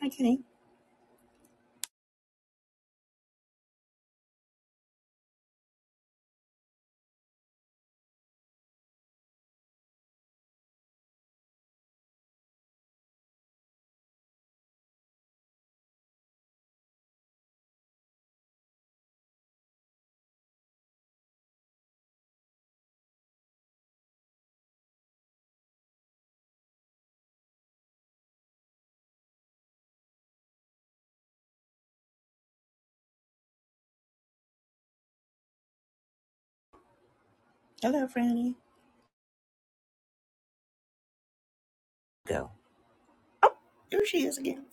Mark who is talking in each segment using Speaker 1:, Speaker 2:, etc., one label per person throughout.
Speaker 1: Hi, Kenny. Hello, Franny. Go. Oh, here she is again.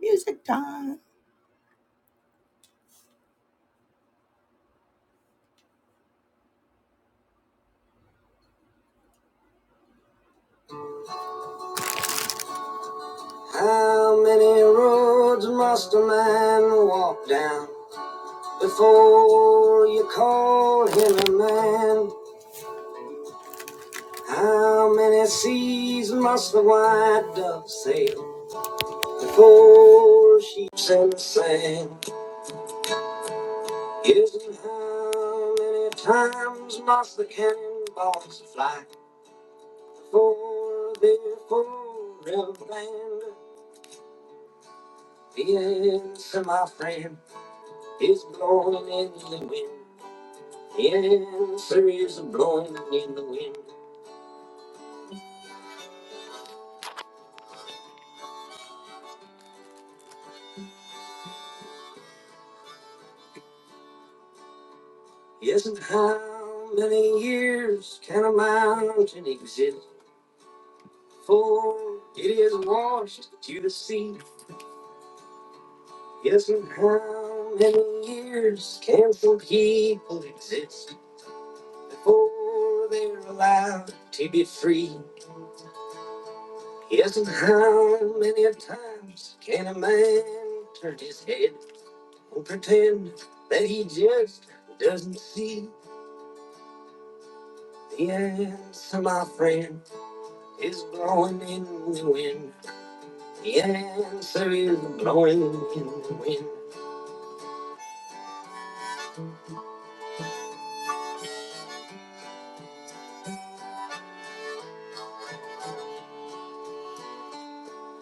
Speaker 1: Music time. How many roads must a man walk down before you call him a man? How many seas must the white dove sail before she sets sail? Isn't how many times must the cannonballs fly before they're forever banned? The answer, my friend, is blowing in the wind. The answer is blowing in the wind. Isn't how many years can a mountain exist before it is washed to the sea? Isn't how many years can some people exist before they're allowed to be free? Isn't how many times can a man turn his head? Don't pretend that he just doesn't see the answer, my friend, is blowing in the wind. The answer is blowing in the wind.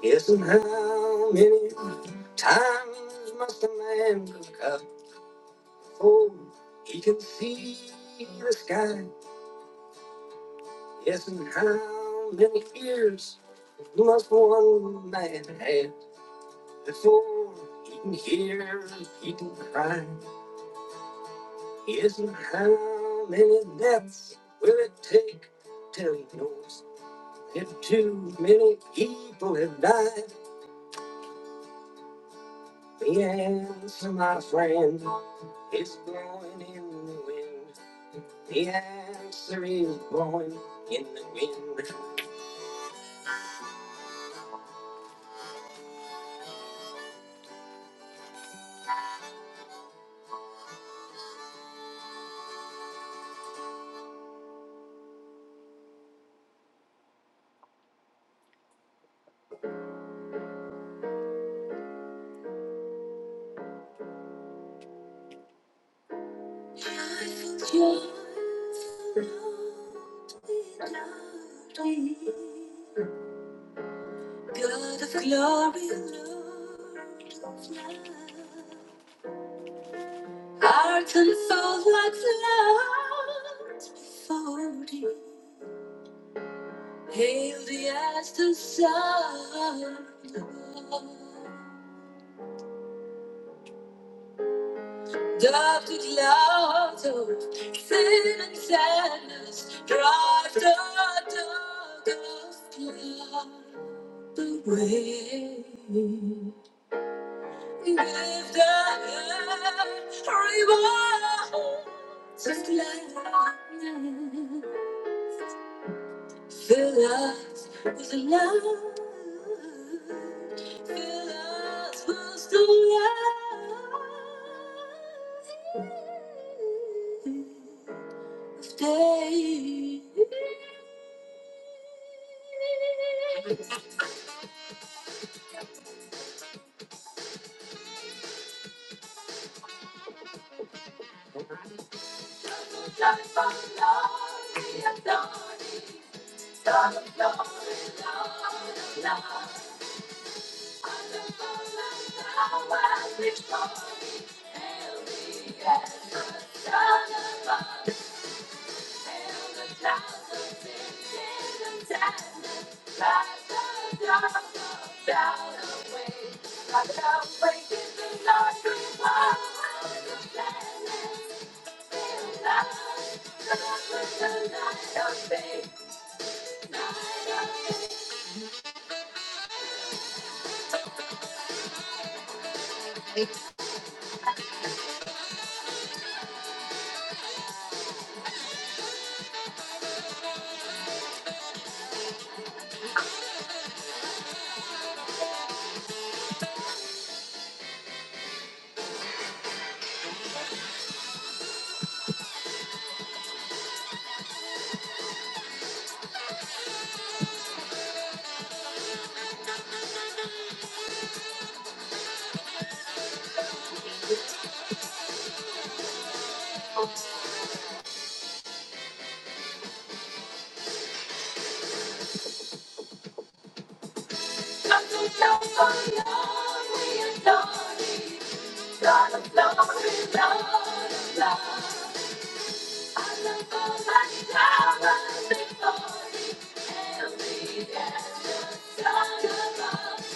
Speaker 1: Yes, and how many times must a man look up before he can see the sky? Yes, and how many ears must one man have before he can hear, people can cry? Yes, and how many deaths will it take till he knows if too many people have died? The answer, my friend, is blowing in the wind. The answer is blowing in the wind. Life will not be lonely. God of glory, Lord of love. Heart unfold like flowers before thee, hail thee as the sun above. Dark the clouds of sin and sadness, drive the dog of blood away. Give the earth rewards of gladness. Fill us with love. Fill us with the light of day. Light of love, the authority, Star of glory, Lord of love. I look for the power Hail me as the Son of God. I love all my power and authority and lead Don't you know that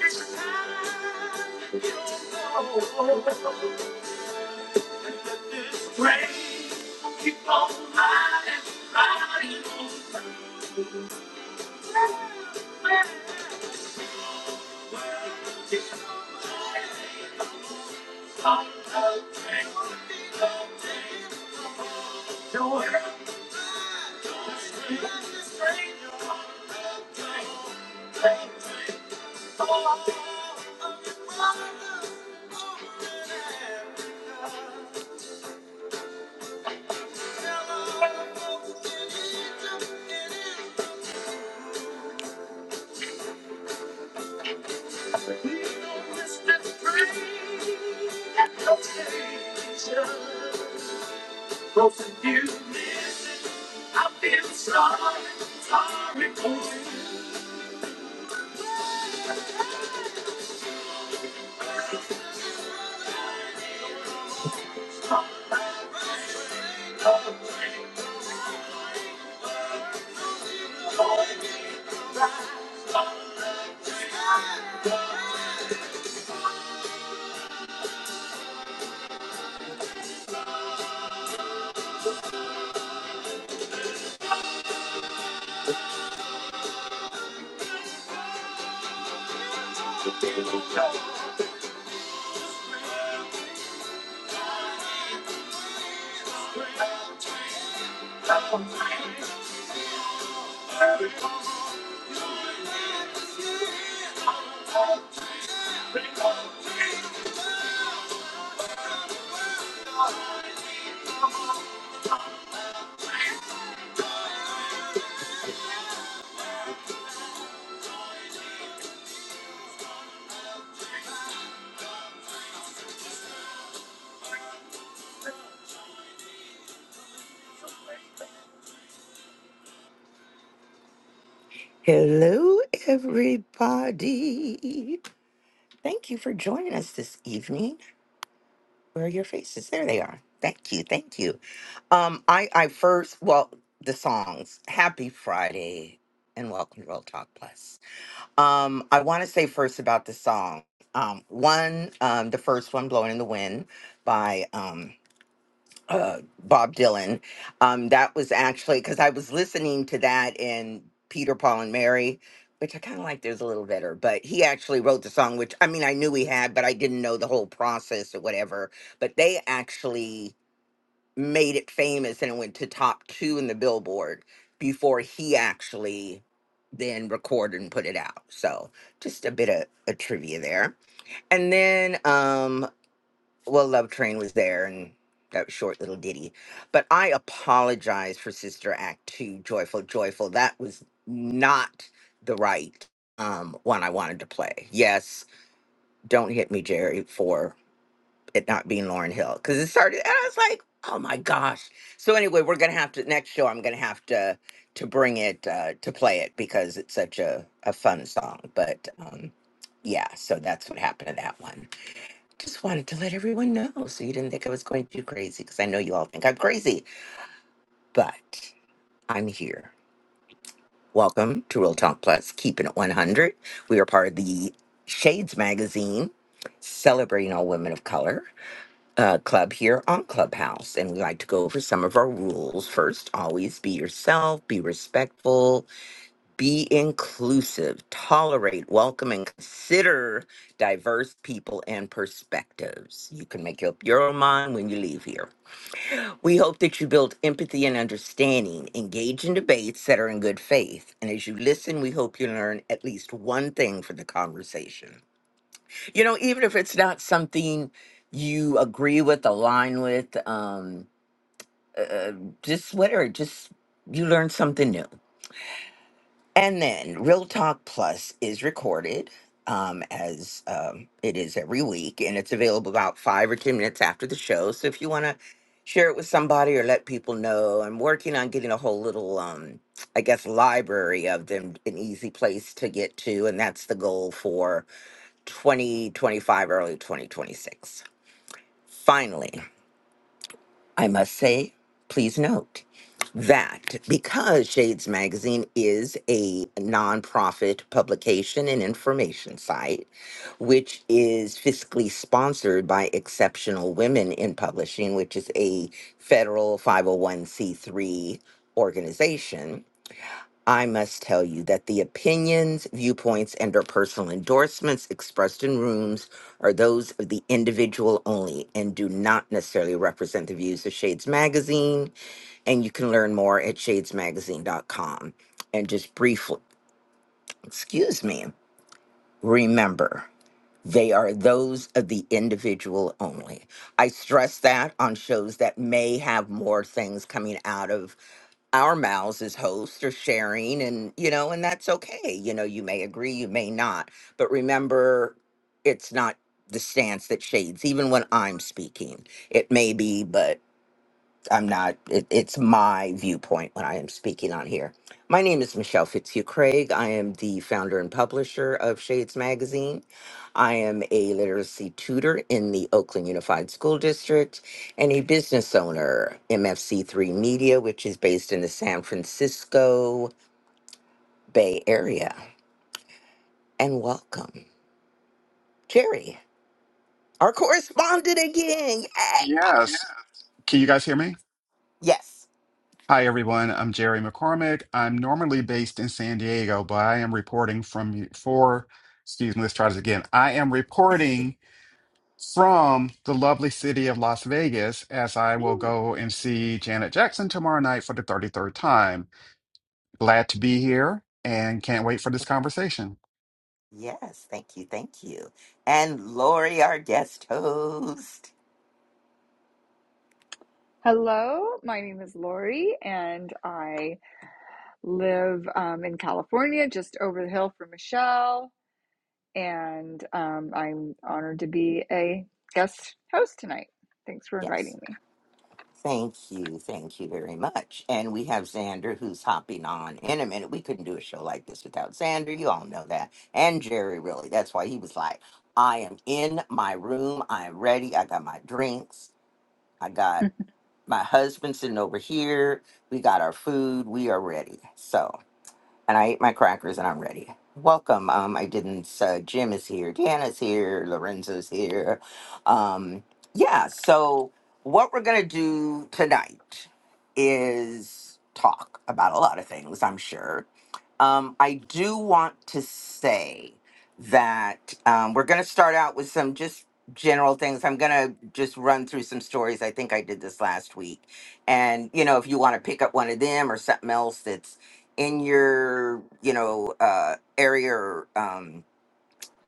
Speaker 1: it's time? You know, praise. Keep on riding, riding on. Keep riding on the train. The world is a stranger than before. We don't miss the train at no station. Both of you miss it. I feel sorry, sorry for you. Come on, come on, come on, come on. Hello, everybody. Thank you for joining us this evening. Where are your faces? There they are. Thank you. Thank you. Um, I, I first, well, the songs. Happy Friday and welcome to Real Talk Plus. Um, I want to say first about the song. Um, one, um, the first one, Blowing in the Wind by um, uh, Bob Dylan. Um, that was actually because I was listening to that in Peter, Paul, and Mary, which I kind of like. There's a little better, but he actually wrote the song, which I mean, I knew he had, but I didn't know the whole process or whatever. But they actually made it famous and it went to top two in the Billboard before he actually then recorded and put it out. So just a bit of a trivia there. And then, um, well, Love Train was there and that short little ditty. But I apologize for Sister Act 2, Joyful, Joyful. That was not the right um, one I wanted to play. Yes, don't hit me, Jerry, for it not being Lauren Hill. Because it started, and I was like, oh my gosh. So anyway, we're going to have to, next show, I'm going to have to to bring it, uh, to play it because it's such a, a fun song. But um, yeah, so that's what happened to that one. Just wanted to let everyone know so you didn't think I was going too crazy because I know you all think I'm crazy, but I'm here. Welcome to Real Talk Plus, keeping it 100. We are part of the Shades Magazine, celebrating all women of color uh, club here on Clubhouse. And we like to go over some of our rules. First, always be yourself, be respectful, be inclusive, tolerate, welcome, and consider diverse people and perspectives. You can make up your own mind when you leave here. We hope that you build empathy and understanding, engage in debates that are in good faith. And as you listen, we hope you learn at least one thing from the conversation. You know, even if it's not something you agree with, align with, um, uh, uh, just whatever, just you learn something new. And then Real Talk Plus is recorded um, as um, it is every week, and it's available about five or 10 minutes after the show. So if you want to share it with somebody or let people know, I'm working on getting a whole little, um, I guess, library of them, an easy place to get to. And that's the goal for 2025, early 2026. Finally, I must say, please note that because Shades Magazine is a nonprofit publication and information site, which is fiscally sponsored by Exceptional Women in Publishing, which is a federal 501c3 organization. I must tell you that the opinions, viewpoints, and or personal endorsements expressed in rooms are those of the individual only and do not necessarily represent the views of Shades Magazine, and you can learn more at shadesmagazine.com. And just briefly, excuse me, remember, they are those of the individual only. I stress that on shows that may have more things coming out of our mouths as hosts or sharing, and you know, and that's okay. You know, you may agree, you may not, but remember, it's not the stance that shades, even when I'm speaking. It may be, but I'm not, it, it's my viewpoint when I am speaking on here. My name is Michelle Fitzhugh Craig. I am the founder and publisher of Shades Magazine. I am a literacy tutor in the Oakland Unified School District and a business owner, MFC3 Media, which is based in the San Francisco Bay Area. And welcome, Jerry, our correspondent again. Yay!
Speaker 2: Yes. Can you guys hear me?
Speaker 1: Yes,
Speaker 2: Hi, everyone. I'm Jerry McCormick. I'm normally based in San Diego, but I am reporting from for, excuse me, let's try this again. I am reporting from the lovely city of Las Vegas as I will go and see Janet Jackson tomorrow night for the 33rd time. Glad to be here and can't wait for this conversation.
Speaker 1: yes, thank you, thank you. And Lori, our guest host. Yes. Thank you. Thank you very much. And we have Xander who's hopping on in a minute. We couldn't do a show like this without Xander. You all know that. And Jerry, really. That's why he was like, I am in my room. I'm ready. I got my drinks. I got my husband sitting over here. We got our food. We are ready. So and I ate my crackers and I'm ready. Welcome. Um, I didn't. Uh, Jim is here. Deanna's here. Lorenzo's here. Um, yeah. So what we're gonna do tonight is talk about a lot of things. I'm sure. Um, I do want to say that um, we're gonna start out with some just general things. I'm gonna just run through some stories. I think I did this last week, and you know, if you want to pick up one of them or something else that's in your you know uh area or, um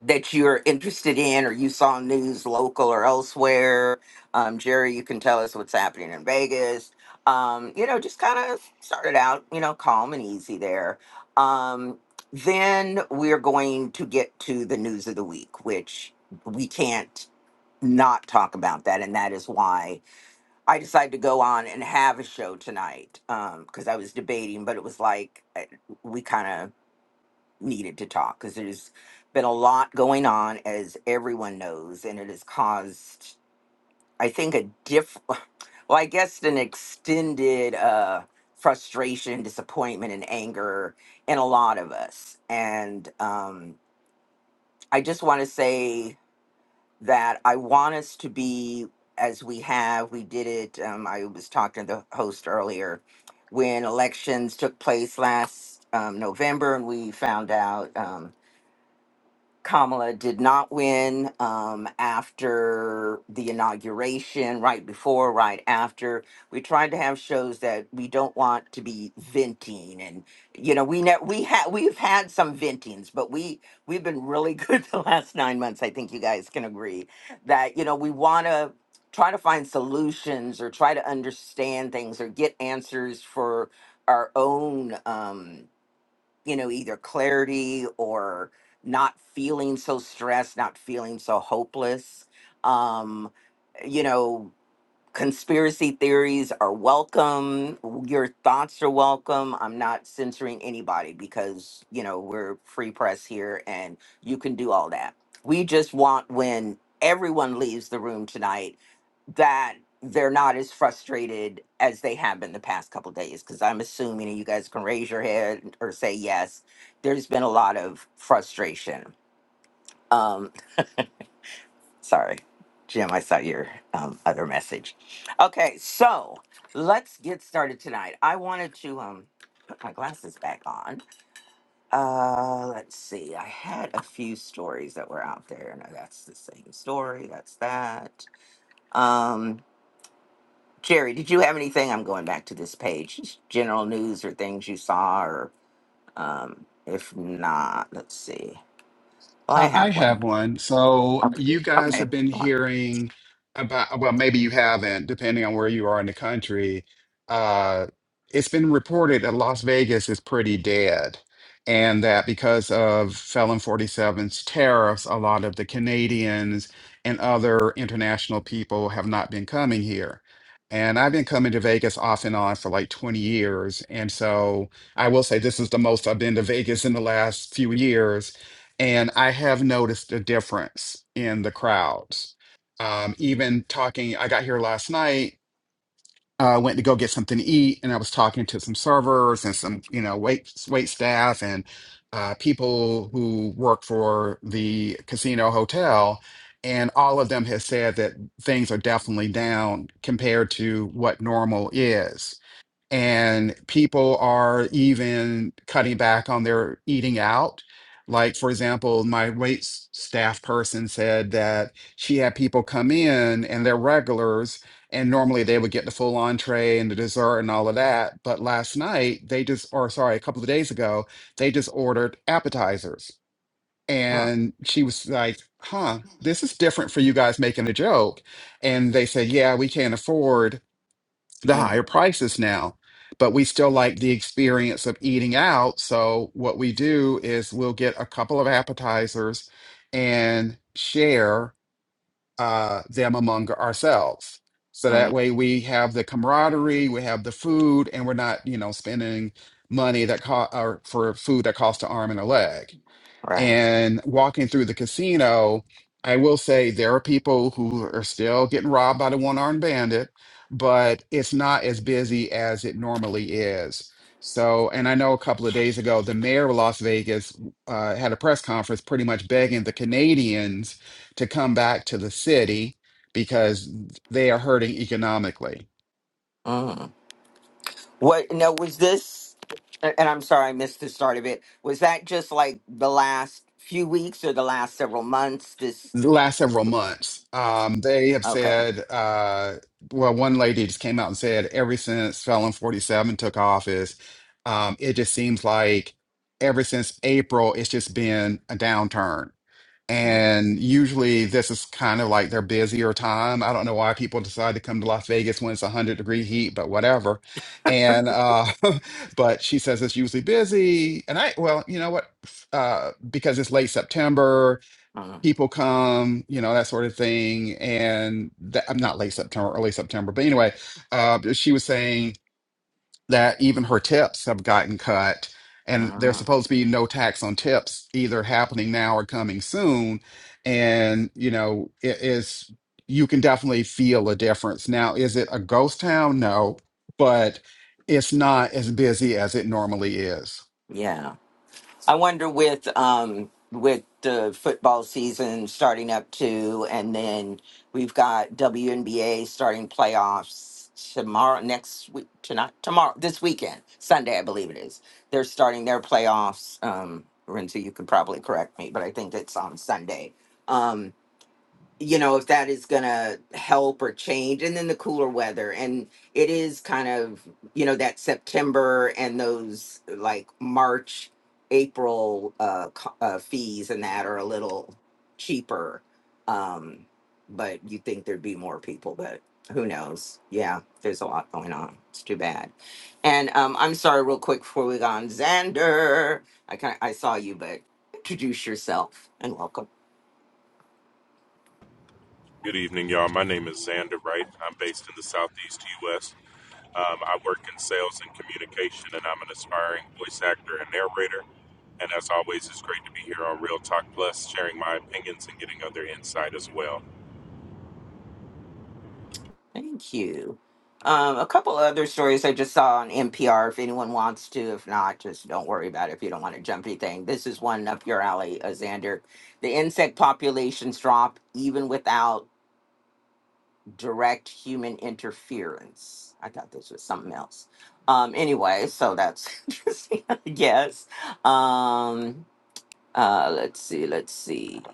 Speaker 1: that you're interested in or you saw news local or elsewhere um jerry you can tell us what's happening in vegas um you know just kind of started out you know calm and easy there um then we're going to get to the news of the week which we can't not talk about that and that is why I decided to go on and have a show tonight because I was debating, but it was like I- we kind of needed to talk because there's been a lot going on, as everyone knows, and it has caused, I think, a diff. Well, I guess an extended uh, frustration, disappointment, and anger in a lot of us. And um, I just want to say that I want us to be as we have. We did it. Um, I was talking to the host earlier when elections took place last um, November, and we found out. Um, Kamala did not win um, after the inauguration, right before, right after. We tried to have shows that we don't want to be venting, and you know, we ne- we had we've had some ventings, but we we've been really good the last nine months. I think you guys can agree that you know we want to try to find solutions or try to understand things or get answers for our own. Um, you know, either clarity or not feeling so stressed, not feeling so hopeless. Um, you know, conspiracy theories are welcome your thoughts are welcome i'm not censoring anybody because you know we're free press here and you can do all that we just want when everyone leaves the room tonight that they're not as frustrated as they have been the past couple days because i'm assuming and you guys can raise your head or say yes there's been a lot of frustration Um, Sorry, Jim, I saw your um, other message. Okay, so let's get started tonight. I wanted to um, put my glasses back on. Uh, let's see, I had a few stories that were out there. No, that's the same story. That's that. Um, Jerry, did you have anything? I'm going back to this page. Just General news or things you saw, or um, if not, let's see. Well, I
Speaker 2: I I
Speaker 1: have one.
Speaker 2: have one. So
Speaker 1: Okay.
Speaker 2: you guys
Speaker 1: Okay.
Speaker 2: have been
Speaker 1: go on.
Speaker 2: hearing about, well, maybe you haven't, depending on where you are in the country. Uh, it's been reported that Las Vegas is pretty dead, and that because of Felon Forty Seven's tariffs, a lot of the Canadians and other international people have not been coming here. And I've been coming to Vegas off and on for like 20 years. And so I will say this is the most I've been to Vegas in the last few years and I have noticed a difference in the crowds. Um, even talking, I got here last night, uh, went to go get something to eat, and I was talking to some servers and some, you know, wait wait staff and uh, people who work for the casino hotel, and all of them have said that things are definitely down compared to what normal is and people are even cutting back on their eating out. Like, for example, my wait s- staff person said that she had people come in and they're regulars, and normally they would get the full entree and the dessert and all of that. But last night, they just, or sorry, a couple of days ago, they just ordered appetizers. And she was like, huh, this is different for you guys making a joke. And they said, yeah, we can't afford the higher prices now. But we still like the experience of eating out. So what we do is we'll get a couple of appetizers and share uh, them among ourselves. So that way we have the camaraderie, we have the food, and we're not, you know, spending money that co- or for food that costs an arm and a leg.
Speaker 1: All Right.
Speaker 2: And walking through the casino, I will say there are people who are still getting robbed by the one-armed bandit, but it's not as busy as it normally is. So, and I know a couple of days ago, the mayor of Las Vegas uh, had a press conference pretty much begging the Canadians to come back to the city because they are hurting economically.
Speaker 1: Mm. What? No, was this? a- And I'm sorry, I missed the start of it. Was that just like the last few weeks or the last several months? This
Speaker 2: the last several months. Um, they have
Speaker 1: okay?
Speaker 2: said, uh, well, one lady just came out and said, ever since Felon 47 took office, um, it just seems like ever since April, it's just been a downturn.
Speaker 1: mm,
Speaker 2: And usually this is kind of like their busier time. I don't know why people decide to come to Las Vegas when it's 100 degree heat, but whatever. And, uh, but she says it's usually busy. And I, well, you know what? Uh, because it's late September, people come, you know, that sort of thing. And that, I'm not late September, early September, but anyway, uh, she was saying that even her tips have gotten cut, and there's supposed to be no tax on tips either happening now or coming soon. And you know, it is you can definitely feel a difference now. Is it a ghost town? No, but it's not as busy as it normally is.
Speaker 1: Yeah, I wonder with um with the football season starting up too, and then we've got WNBA starting playoffs tomorrow, next week, tonight, tomorrow, this weekend, Sunday, I believe it is. They're starting their playoffs. Um, Renzo, you could probably correct me, but I think it's on Sunday. Um, you know if that is going to help or change and then the cooler weather and it is kind of you know that september and those like march april uh, co- uh fees and that are a little cheaper um but you think there'd be more people but who knows yeah there's a lot going on it's too bad and um i'm sorry real quick before we go on xander i kind i saw you but introduce yourself and welcome
Speaker 3: Good evening, y'all. My name is Xander Wright. I'm based in the Southeast U.S. Um, I work in sales and communication, and I'm an aspiring voice actor and narrator. And as always, it's great to be here on Real Talk Plus, sharing my opinions and getting other insight as well.
Speaker 1: Thank you. Um, a couple other stories I just saw on NPR. If anyone wants to, if not, just don't worry about it if you don't want to jump anything. This is one up your alley, uh, Xander. The insect populations drop even without direct human interference. I thought this was something else. Um, anyway, so that's interesting, I guess. Um, uh, let's see, let's see.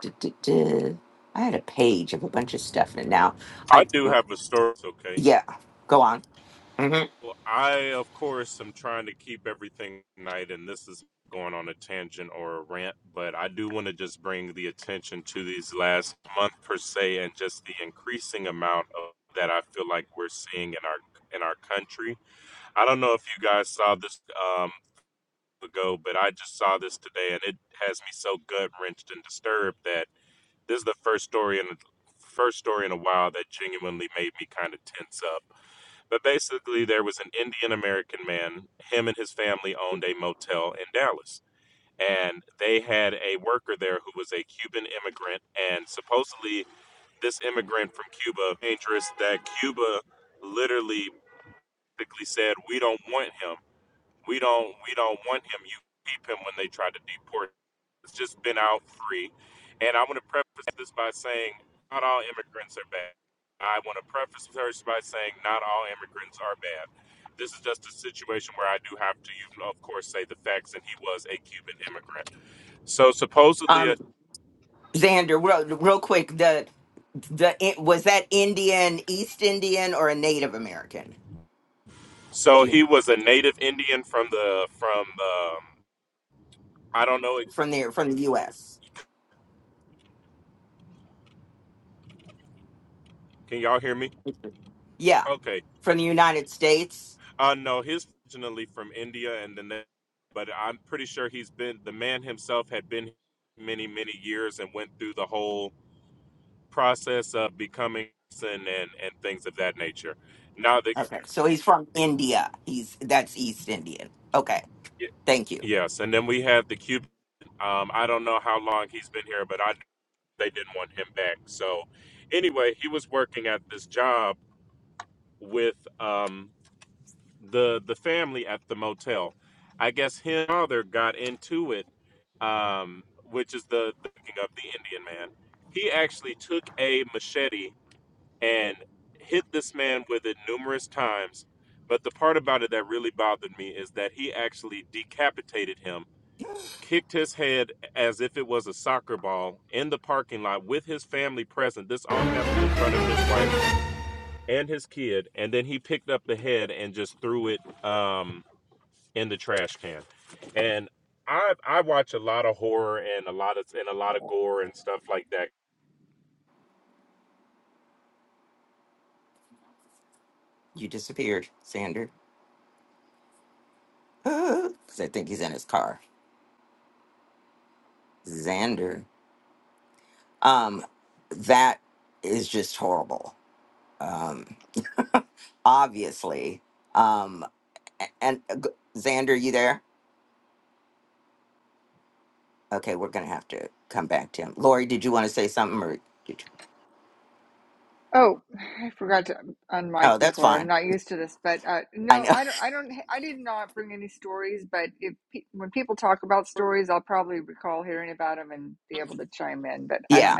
Speaker 1: Duh, duh, duh. I had a page of a bunch of stuff in it now.
Speaker 3: I
Speaker 1: I
Speaker 3: do have a story, okay.
Speaker 1: yeah, go on.
Speaker 3: Well, I, of course, am trying to keep everything night, and this is going on a tangent or a rant, but I do want to just bring the attention to these last month per se, and just the increasing amount of that I feel like we're seeing in our in our country. I don't know if you guys saw this um, ago, but I just saw this today, and it has me so gut wrenched and disturbed that this is the first story in first story in a while that genuinely made me kind of tense up but basically, there was an Indian American man. Him and his family owned a motel in Dallas. And they had a worker there who was a Cuban immigrant. And supposedly, this immigrant from Cuba, dangerous, that Cuba literally basically said, We don't want him. We don't we don't want him. You keep him when they try to deport. him. It's just been out free. And I want to preface this by saying not all immigrants are bad. I want to preface this by saying not all immigrants are bad. This is just a situation where I do have to, you know, of course, say the facts. And he was a Cuban immigrant. So supposedly,
Speaker 1: um
Speaker 3: a,
Speaker 1: xander real, real quick the the it- was that indian east indian or a native american do
Speaker 3: so
Speaker 1: you
Speaker 3: he was a native Indian from the from um, I don't know. ex-
Speaker 1: from the from the us
Speaker 3: Can y'all hear me?
Speaker 1: yeah
Speaker 3: Okay
Speaker 1: from the united states
Speaker 3: Uh, no, he's originally from India, and then, but I'm pretty sure he's been the man himself had been many many years and went through the whole process of becoming citizen and and things of that nature. Now the
Speaker 1: okay so he's from india he's that's east indian okay thank you
Speaker 3: yes, and then we have the Cuban. Um, I don't know how long he's been here, but I they didn't want him back. So anyway, he was working at this job with um the the family at the motel. I guess his father got into it, um, which is the thinking of the Indian man. He actually took a machete and hit this man with it numerous times. But the part about it that really bothered me is that he actually decapitated him, kicked his head as if it was a soccer ball in the parking lot with his family present. This all happened in front of his wife and his kid, and then he picked up the head and just threw it. Um, in the trash can. And I I watch a lot of horror and a lot of and a lot of gore and stuff like that.
Speaker 1: you disappeared xander because i think he's in his car xander um that is just horrible um obviously. Um, A- And uh, g- Xander, you there? Okay, we're gonna have to come back to him. Lori, did you want to say something, or did you? Oh, that's fine. I know. yeah.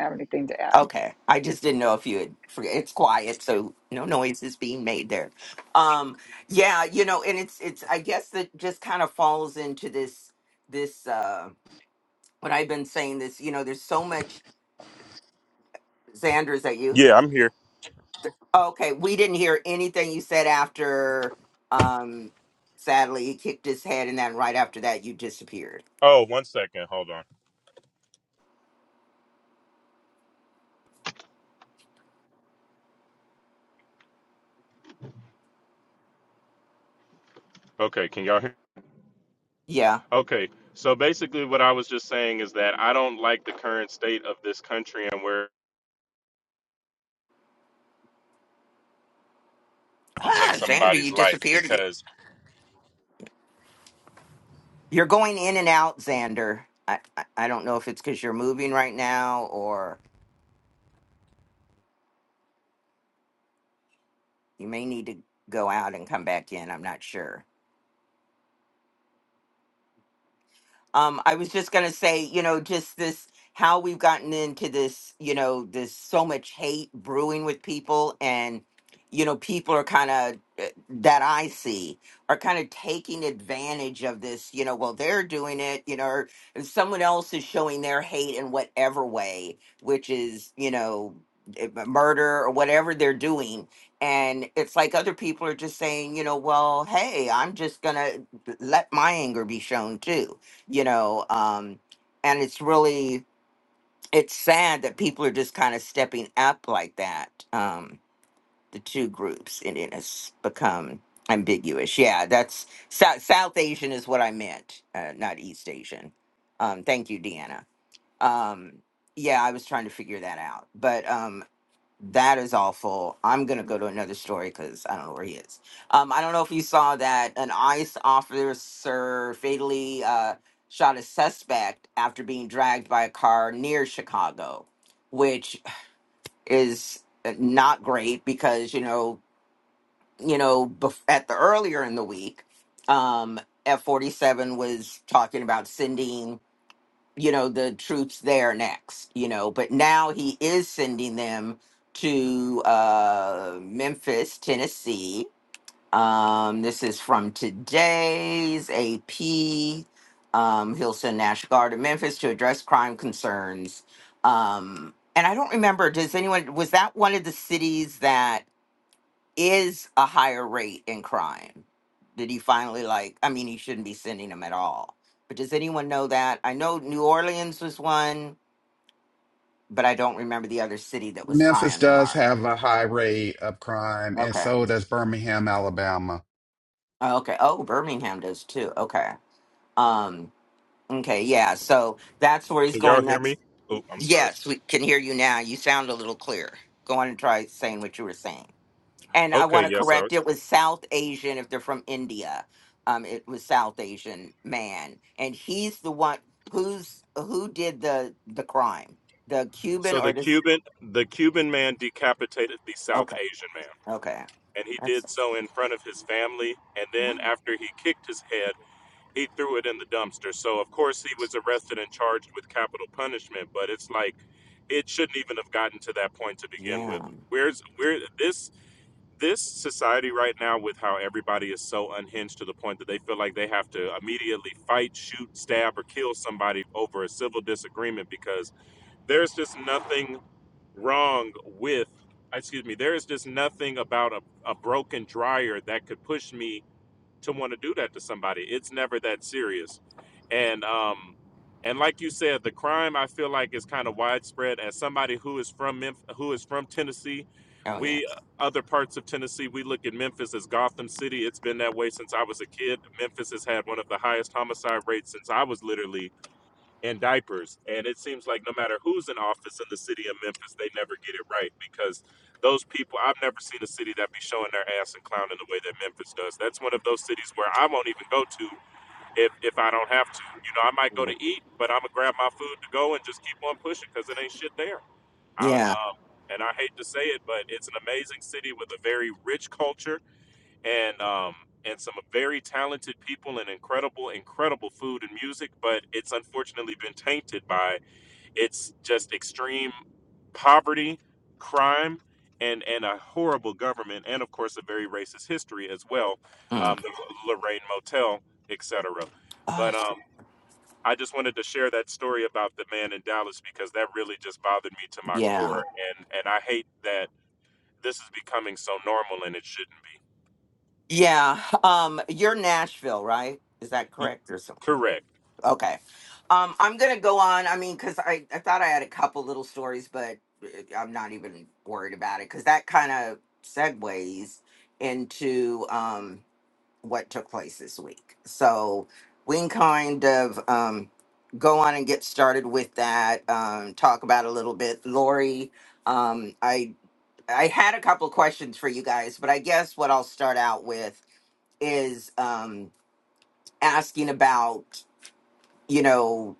Speaker 1: Okay. I just didn't know if you had. Forget. It's quiet, so no noise is being made there. Um. Yeah. You know, and it's it's. I guess that just kind of falls into this this uh what I've been saying. This. You know, there's so much. Xander, is that you?
Speaker 3: Yeah, I'm here.
Speaker 1: Okay, we didn't hear anything you said after. Um, sadly, he kicked his head, and then right after that, you disappeared.
Speaker 3: Oh, one second. Hold on. Okay, can y'all hear?
Speaker 1: Yeah,
Speaker 3: Okay. So basically what I was just saying is that I don't like the current state of this country and where to
Speaker 1: ah,
Speaker 3: take
Speaker 1: Xander,
Speaker 3: somebody's
Speaker 1: you
Speaker 3: life
Speaker 1: disappeared again.
Speaker 3: because
Speaker 1: You're going in and out, Xander. I I, I don't know if it's because you're moving right now, or you may need to go out and come back in. I'm not sure. Um, I was just gonna say, you know, just this how we've gotten into this, you know, this so much hate brewing with people, and you know, people are kind of that I see are kind of taking advantage of this. You know, well, they're doing it, you know, or and someone else is showing their hate in whatever way, which is, you know, eh, murder or whatever they're doing. And it's like other people are just saying, you know, well, hey, I'm just gonna eh, let my anger be shown too you know um and it's really it's sad that people are just kind of stepping up like that um the two groups and it has become ambiguous yeah that's south, south asian is what i meant uh, not east asian um thank you deanna um yeah i was trying to figure that out but um, that is awful. I'm gonna go to another story because I don't know where he is. Um, I don't know if you saw that an ICE officer fatally uh, shot a suspect after being dragged by a car near Chicago, which is uh, not great because you know you know bef- at the earlier in the week, um, F47 was talking about sending you know the troops there next you know but now he is sending them to uh memphis tennessee um this is from today's ap um he'll send national guard to memphis to address crime concerns um and i don't remember does anyone was that one of the cities that is a higher rate in crime. Did he finally like? I mean, he shouldn't be sending them at all. But does anyone know that? I know New Orleans was one, but I don't remember the other city that was high
Speaker 2: Memphis
Speaker 1: on the
Speaker 2: does
Speaker 1: mark.
Speaker 2: have a high rate of crime, and
Speaker 1: Okay.
Speaker 2: so does Birmingham, Alabama
Speaker 1: Oh, Okay. Oh, Birmingham does too. Okay. Um. Okay. Yeah. So that's where he's
Speaker 3: can y'all
Speaker 1: going
Speaker 3: hear me?
Speaker 1: next.
Speaker 3: Oh, I'm sorry.
Speaker 1: Yes, we can hear you now. You sound a little clear. Go on and try saying what you were saying. And I
Speaker 3: Okay,
Speaker 1: want to
Speaker 3: yes, sir.
Speaker 1: correct, it was South Asian if they're from India. Um, it was South Asian man. And he's the one who's who did the the crime. The Cuban
Speaker 3: So
Speaker 1: or
Speaker 3: the
Speaker 1: this
Speaker 3: Cuban the Cuban man decapitated the South
Speaker 1: okay,
Speaker 3: Asian man
Speaker 1: okay.
Speaker 3: and he
Speaker 1: That's
Speaker 3: did so in front of his family and then after he kicked his head he threw it in the dumpster. So of course he was arrested and charged with capital punishment. But it's like it shouldn't even have gotten to that point to begin
Speaker 1: yeah.
Speaker 3: with. Where's where this this society right now with how everybody is so unhinged to the point that they feel like they have to immediately fight, shoot, stab, or kill somebody over a civil disagreement because there's just nothing wrong with excuse me, there is just nothing about a, a broken dryer that could push me to want to do that to somebody. It's never that serious. And um and like you said, the crime I feel like is kind of widespread. As somebody who is from Memphis, who is from Tennessee,
Speaker 1: Oh yeah.
Speaker 3: we uh, other parts of Tennessee, we look at Memphis as Gotham City. It's been that way since I was a kid. Memphis has had one of the highest homicide rates since I was literally and diapers. And it seems like no matter who's in office in the city of Memphis, they never get it right because those people, I've never seen a city that be showing their ass and clowning the way that Memphis does. That's one of those cities where I won't even go to if, if I don't have to. You know, I might go to eat, but I'm going to grab my food to go and just keep on pushing because it ain't shit there. I,
Speaker 1: Yeah.
Speaker 3: um, and I hate to say it, but it's an amazing city with a very rich culture and um and some very talented people and incredible incredible food and music but it's unfortunately been tainted by it's just extreme poverty crime and and a horrible government and of course a very racist history as well
Speaker 1: Mm.
Speaker 3: um, the lorraine motel etc
Speaker 1: Oh,
Speaker 3: but
Speaker 1: that's-
Speaker 3: um i just wanted to share that story about the man in dallas because that really just bothered me to my
Speaker 1: yeah.
Speaker 3: core and and i hate that this is becoming so normal and it shouldn't be
Speaker 1: Yeah. Um, you're Nashville, right? Is that
Speaker 3: E-
Speaker 1: correct? or so?
Speaker 3: correct
Speaker 1: Okay. Um, I'm gonna go on. I mean, because I, I thought I had a couple little stories, but uh, I'm not even worried about it because that kind of segues into um, what took place this week. So we can kind of um, go on and get started with that. Um, talk about a little bit, Lori. Um, I I had a couple of questions for you guys, but I guess what I'll start out with is um, asking about you know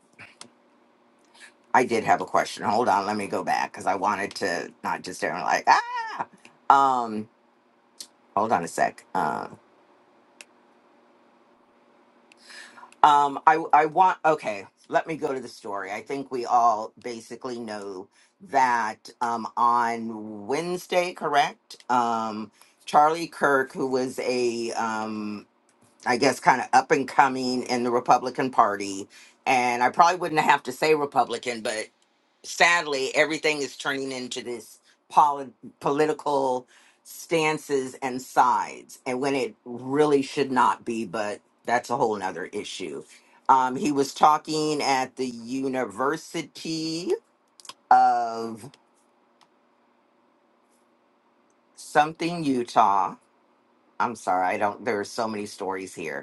Speaker 1: I did have a question. Hold on, let me go back because I wanted to not just everyone like ah. Um, hold on a sec. Uh, um, I I want okay. Let me go to the story. I think we all basically know that um, on Wednesday, correct? Um, Charlie Kirk, who was a um, I guess kind of up and coming in the Republican Party, and I probably wouldn't have to say Republican, but sadly, everything is turning into this poli- political stances and sides, and when it really should not be, but that's a whole nother issue. Um, he was talking at the University of something, Utah. I'm sorry, I don't, there are so many stories here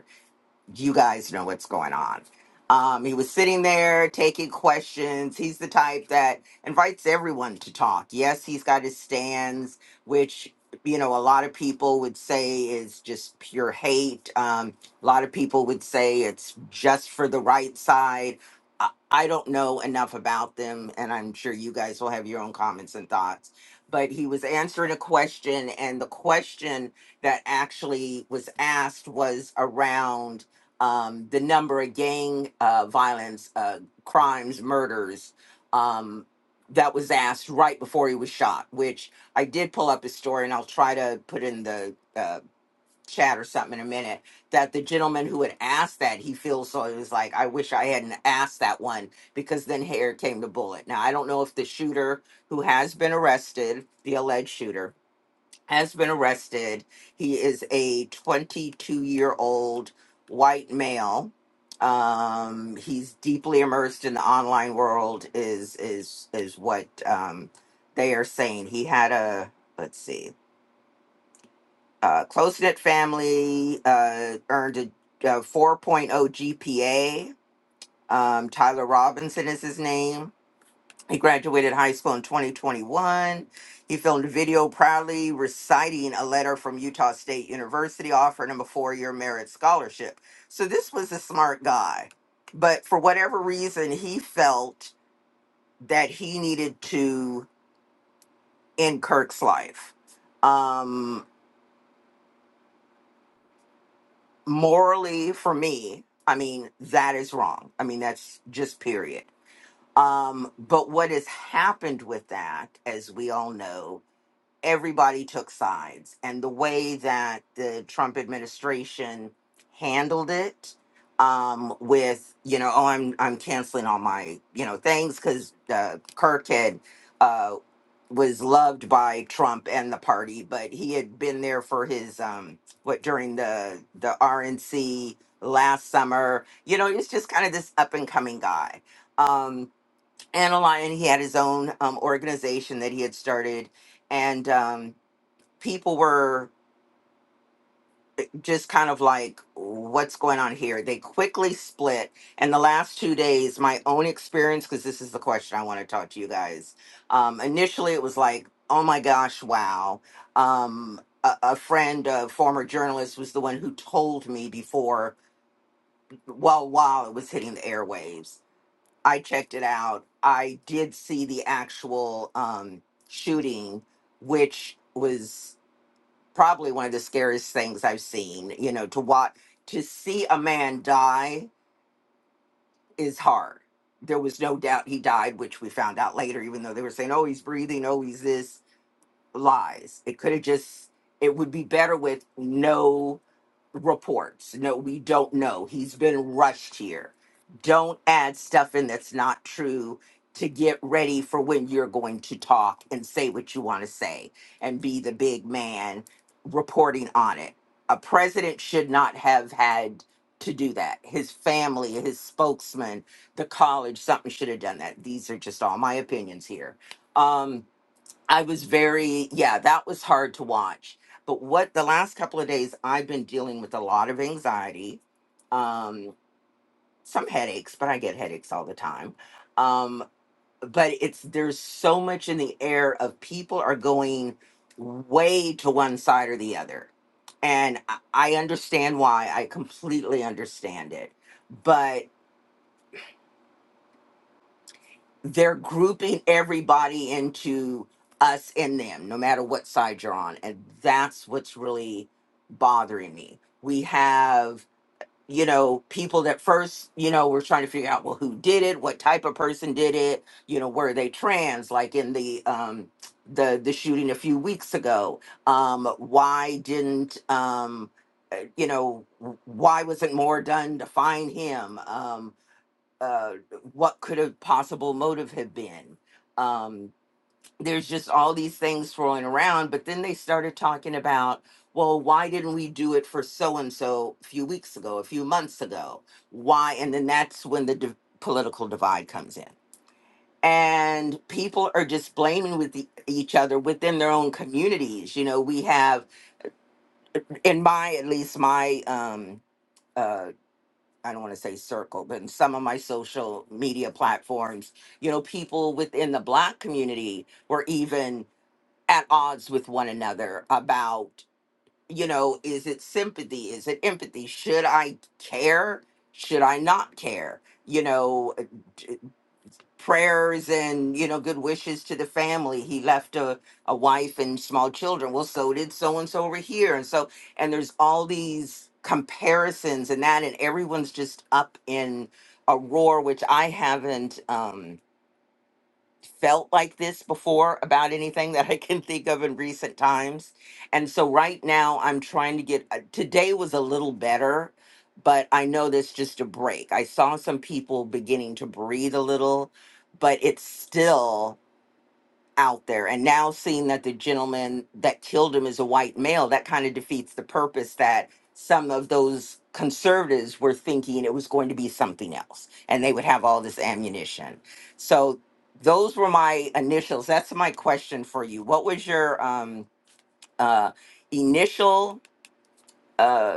Speaker 1: you guys know what's going on. Um, he was sitting there taking questions. He's the type that invites everyone to talk. Yes, he's got his stands, which you know a lot of people would say is just pure hate. Um, a lot of people would say it's just for the right side. I, I don't know enough about them, and I'm sure you guys will have your own comments and thoughts. But he was answering a question, and the question that actually was asked was around um, the number of gang uh, violence, uh, crimes, murders um, that was asked right before he was shot, which I did pull up his story and I'll try to put in the uh, chat or something in a minute. That the gentleman who had asked that, he feels so, he was like, I wish I hadn't asked that one because then here came the bullet. Now, I don't know if the shooter who has been arrested, the alleged shooter, has been arrested. He is a 22 year old white male. Um, he's deeply immersed in the online world. Is is is what um, they are saying. He had a let's see, uh, close knit family. Uh, earned a, a 4.0 GPA. Um, Tyler Robinson is his name he graduated high school in 2021. He filmed a video proudly reciting a letter from Utah State University offering him a four year merit scholarship. So, this was a smart guy. But for whatever reason, he felt that he needed to end Kirk's life. Um, morally, for me, I mean, that is wrong. I mean, that's just period. Um, but what has happened with that, as we all know, everybody took sides. And the way that the Trump administration handled it um, with, you know, oh, I'm, I'm canceling all my, you know, things because uh, Kirk had, uh, was loved by Trump and the party, but he had been there for his, um, what, during the, the RNC last summer. You know, he was just kind of this up and coming guy. Um, Anna Lyon, he had his own um, organization that he had started, and um, people were just kind of like, "What's going on here?" They quickly split, and the last two days, my own experience, because this is the question I want to talk to you guys. Um, initially, it was like, "Oh my gosh, wow." Um, a, a friend, a former journalist, was the one who told me before, well, while it was hitting the airwaves I checked it out. I did see the actual um, shooting, which was probably one of the scariest things I've seen. You know, to watch, to see a man die is hard. There was no doubt he died, which we found out later, even though they were saying, oh, he's breathing, oh, he's this. Lies. It could have just, it would be better with no reports. No, we don't know. He's been rushed here. Don't add stuff in that's not true to get ready for when you're going to talk and say what you want to say and be the big man reporting on it. A president should not have had to do that. His family, his spokesman, the college, something should have done that. These are just all my opinions here. Um, I was very, yeah, that was hard to watch. But what the last couple of days, I've been dealing with a lot of anxiety, um, some headaches, but I get headaches all the time. Um, but it's there's so much in the air of people are going way to one side or the other. And I I understand why. I completely understand it. but. they're grouping everybody into us and them, no matter what side you're on. And that's what's really bothering me. We have, you know, people that first, you know, we're trying to figure out, well, who did it? What type of person did it? You know, were they trans? Like in the, um, the, the shooting a few weeks ago um why didn't um uh, you know why wasn't more done to find him um uh, what could a possible motive have been? Um, there's just all these things thrown around, but then they started talking about, well, why didn't we do it for so and so a few weeks ago, a few months ago? Why? And then that's when the div political divide comes in. And people are just blaming with e- each other within their own communities. You know, we have, in my, at least my um, uh, I don't want to say circle, but in some of my social media platforms, you know, people within the Black community were even at odds with one another about, you know, is it sympathy? Is it empathy? Should I care? Should I not care? You know, prayers and you know good wishes to the family he left a, a wife and small children well so did so and so over here and so and there's all these comparisons and that and everyone's just up in a roar which i haven't um felt like this before about anything that I can think of in recent times. And so right now I'm trying to get uh, today was a little better, but I know there's just a break. I saw some people beginning to breathe a little, but it's still out there. And now seeing that the gentleman that killed him is a white male, that kind of defeats the purpose that some of those conservatives were thinking it was going to be something else and they would have all this ammunition. So those were my initials. That's my question for you. What was your um uh initial uh,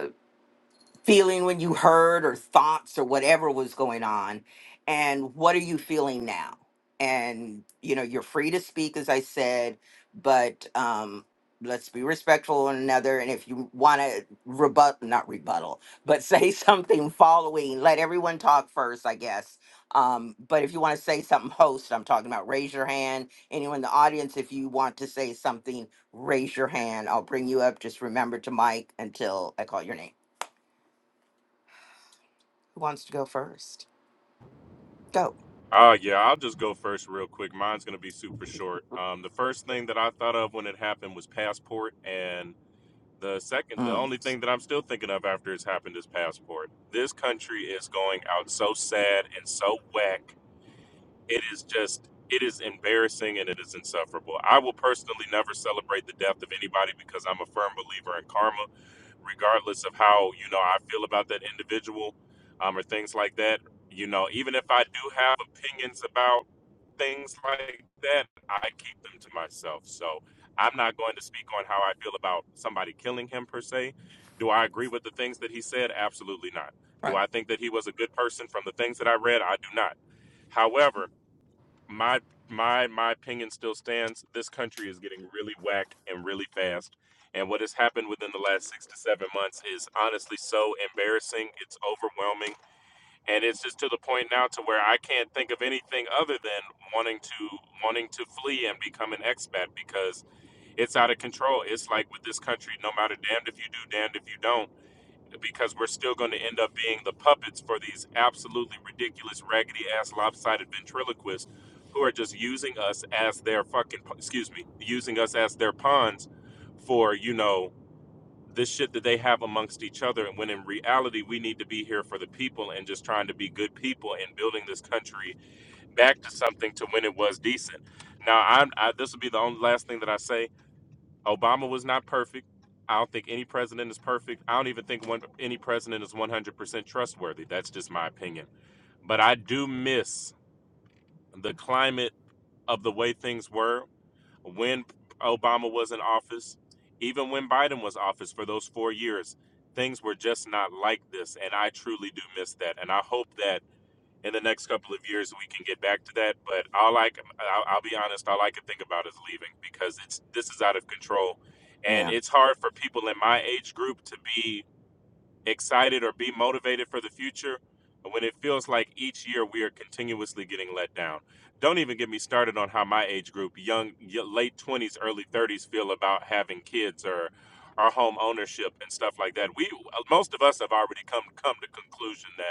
Speaker 1: feeling when you heard or thoughts or whatever was going on and what are you feeling now and you know you're free to speak as i said but um let's be respectful of one another and if you want to rebut not rebuttal but say something following let everyone talk first i guess um, but if you want to say something host i'm talking about raise your hand anyone in the audience if you want to say something raise your hand i'll bring you up just remember to mic until i call your name who wants to go first? Go.
Speaker 3: Uh, yeah, I'll just go first real quick. Mine's going to be super short. Um, the first thing that I thought of when it happened was passport. And the second, the
Speaker 1: Mm,
Speaker 3: only thing that I'm still thinking of after it's happened is passport. This country is going out so sad and so whack. It is just, it is embarrassing and it is insufferable. I will personally never celebrate the death of anybody because I'm a firm believer in karma regardless of how you know I feel about that individual um, or things like that. You know, even if I do have opinions about things like that, I keep them to myself. So I'm not going to speak on how I feel about somebody killing him per se. Do I agree with the things that he said? Absolutely not. Do I think that he was a good person from the things that I read? I do not. However, my my my opinion still stands. This country is getting really whack and really fast. And what has happened within the last six to seven months is honestly so embarrassing. It's overwhelming, and it's just to the point now to where I can't think of anything other than wanting to wanting to flee and become an expat because it's out of control. It's like with this country, no matter damned if you do, damned if you don't because we're still going to end up being the puppets for these absolutely ridiculous, raggedy ass, lopsided ventriloquists who are just using us as their fucking, excuse me, using us as their pawns for, you know, this shit that they have amongst each other. And when in reality, we need to be here for the people and just trying to be good people and building this country back to something to when it was decent. Now, I'm, I, this will be the only last thing that I say Obama was not perfect. I don't think any president is perfect. I don't even think one any president is 100% trustworthy. That's just my opinion. But I do miss the climate of the way things were when Obama was in office, even when Biden was in office for those 4 years. Things were just not like this and I truly do miss that and I hope that in the next couple of years we can get back to that. But all I can, I'll, I'll be honest, all I can think about is leaving because it's this is out of control, and
Speaker 1: yeah.
Speaker 3: it's hard for people in my age group to be excited or be motivated for the future when it feels like each year we are continuously getting let down. Don't even get me started on how my age group, young y- late twenties, early thirties, feel about having kids or our home ownership and stuff like that. We most of us have already come come to conclusion that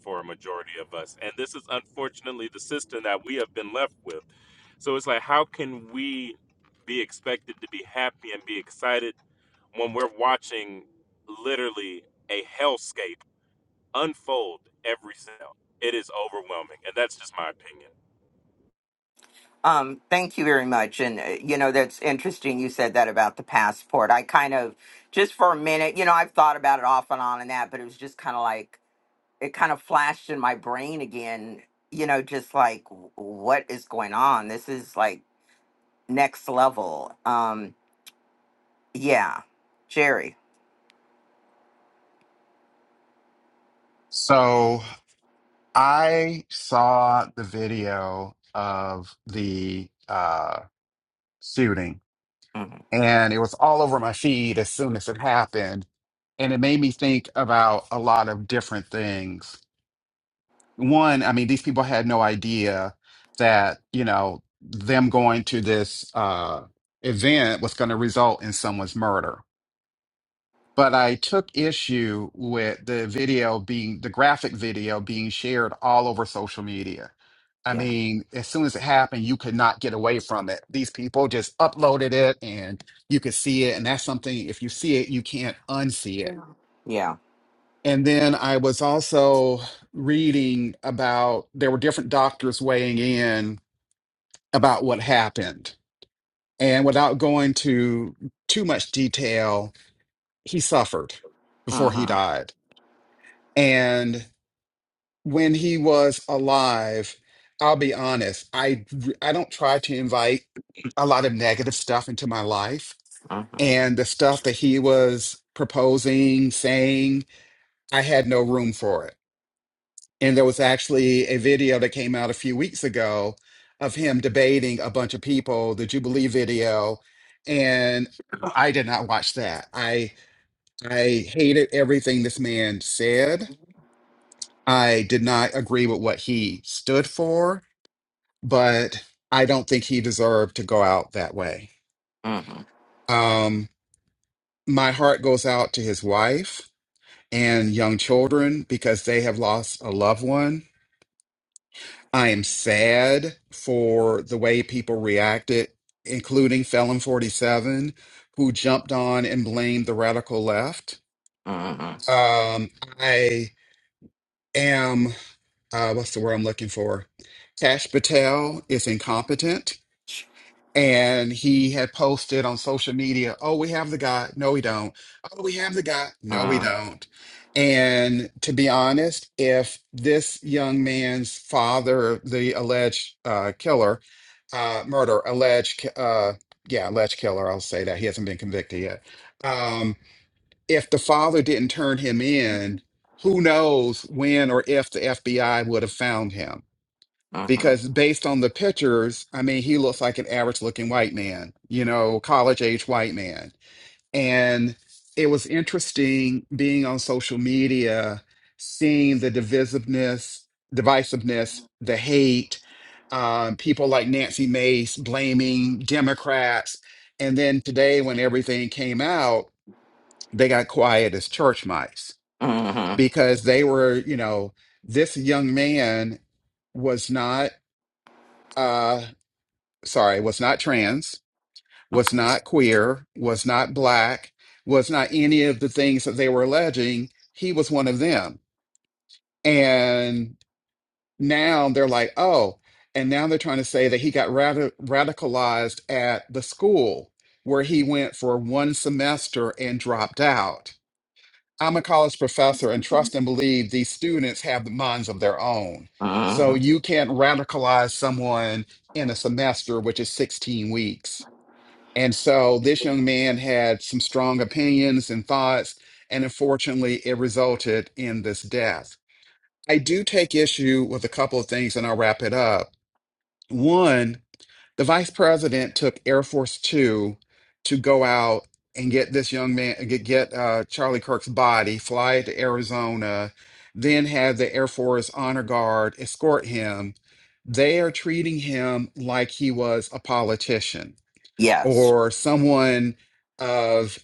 Speaker 3: for a majority of us. And this is unfortunately the system that we have been left with. So it's like, how can we be expected to be happy and be excited when we're watching literally a hellscape unfold every cell? It is overwhelming. And that's just my opinion.
Speaker 1: Um, thank you very much. And, uh, you know, that's interesting you said that about the passport. I kind of, just for a minute, you know, I've thought about it off and on and that, but it was just kind of like, it kind of flashed in my brain again, you know, just like, w- what is going on? This is like next level. Um, yeah. Jerry.
Speaker 2: So I saw the video of the uh, shooting,
Speaker 1: hmm
Speaker 2: and it was all over my feed as soon as it happened. And it made me think about a lot of different things. One, I mean, these people had no idea that, you know, them going to this uh, event was going to result in someone's murder. but I took issue with the video being the graphic video being shared all over social media. I
Speaker 1: Yeah.
Speaker 2: mean, as soon as it happened, you could not get away from it. These people just uploaded it and you could see it. And that's something, if you see it, you can't unsee it.
Speaker 1: Yeah.
Speaker 2: And then I was also reading about there were different doctors weighing in about what happened. And without going to too much detail, he suffered before he died And when he was alive, I'll be honest, I I don't try to invite a lot of negative stuff into my life. And the stuff that he was proposing, saying, I had no room for it. And there was actually a video that came out a few weeks ago of him debating a bunch of people, the Jubilee video. And I did not watch that. I I hated everything this man said. I did not agree with what he stood for, but I don't think he deserved to go out that way.
Speaker 1: hmm
Speaker 2: Um, my heart goes out to his wife and young children because they have lost a loved one. I am sad for the way people reacted, including Felon 47, who jumped on and blamed the radical left.
Speaker 1: hmm
Speaker 2: Um, I am, uh, what's the word I'm looking for? Cash Patel is incompetent and he had posted on social media, "Oh, we have the guy. No, we don't. Oh, we have the guy. No, we don't." And to be honest, if this young man's father, the alleged uh, killer, uh, murder, alleged, ki- uh, yeah, alleged killer, I'll say that he hasn't been convicted yet. Um, if the father didn't turn him in, who knows when or if the FBI would have found him because based on the pictures, I mean, he looks like an average looking white man, you know, college age white man. And it was interesting being on social media, seeing the divisiveness, divisiveness, the hate, um, people like Nancy Mace blaming Democrats. And then today, when everything came out, they got quiet as church mice
Speaker 1: hmm
Speaker 2: because they were, you know, this young man was not. Uh, sorry, was not trans, was not queer, was not black, was not any of the things that they were alleging. He was one of them. And now they're like, oh, and now they're trying to say that he got radi- radicalized at the school where he went for one semester and dropped out. I'm a college professor and trust and believe these students have minds of their own. So you can't radicalize someone in a semester, which is 16 weeks and so this young man had some strong opinions and thoughts, and unfortunately, it resulted in this death. I do take issue with a couple of things, and I'll wrap it up. One, the vice president took Air Force Two to go out and get this young man, get, get uh, Charlie Kirk's body, fly it to Arizona, then have the Air Force Honor Guard escort him. They are treating him like he was a politician
Speaker 1: Yes.
Speaker 2: or someone of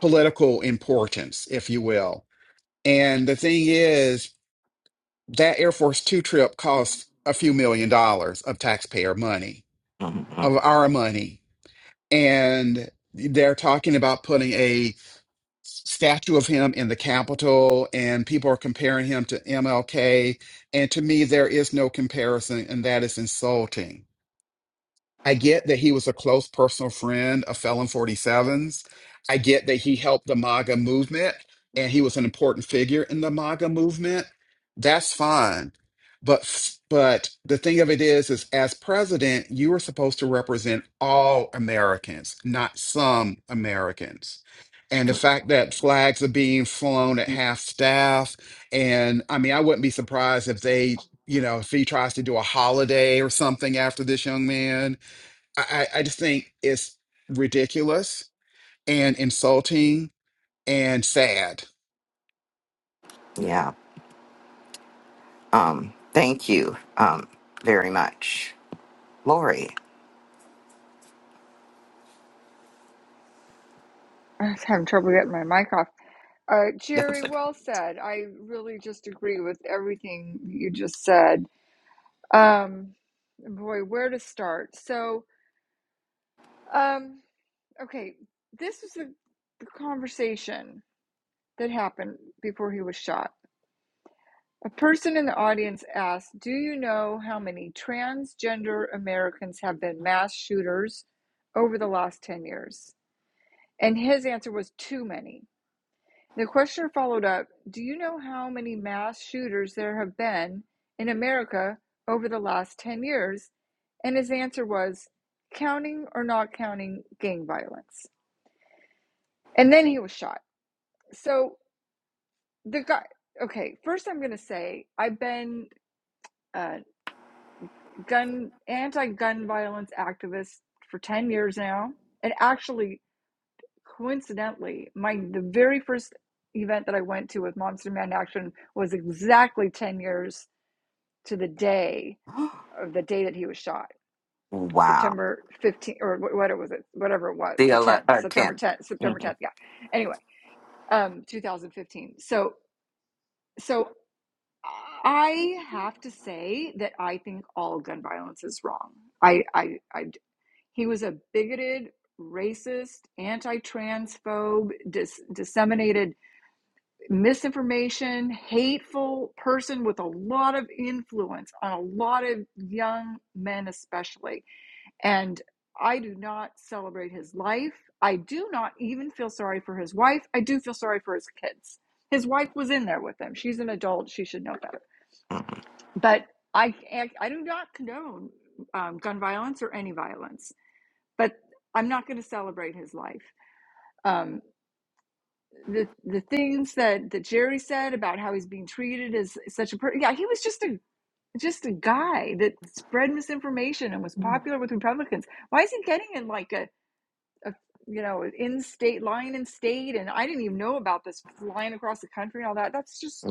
Speaker 2: political importance, if you will. And the thing is, that Air Force Two trip cost a few million dollars of taxpayer money,
Speaker 1: hmm
Speaker 2: of our money. And they're talking about putting a statue of him in the Capitol, and people are comparing him to MLK. And to me, there is no comparison, and that is insulting I get that he was a close personal friend of Felon 47s. I get that he helped the MAGA movement and he was an important figure in the MAGA movement. That's fine. But but the thing of it is is as president, you are supposed to represent all Americans, not some Americans. And the fact that flags are being flown at half staff, and I mean, I wouldn't be surprised if they, you know, if he tries to do a holiday or something after this young man I, I I just think it's ridiculous and insulting and sad.
Speaker 1: Yeah. Um, thank you um, very much, Lori. That was like, wow. The 11, or 10. Mhm.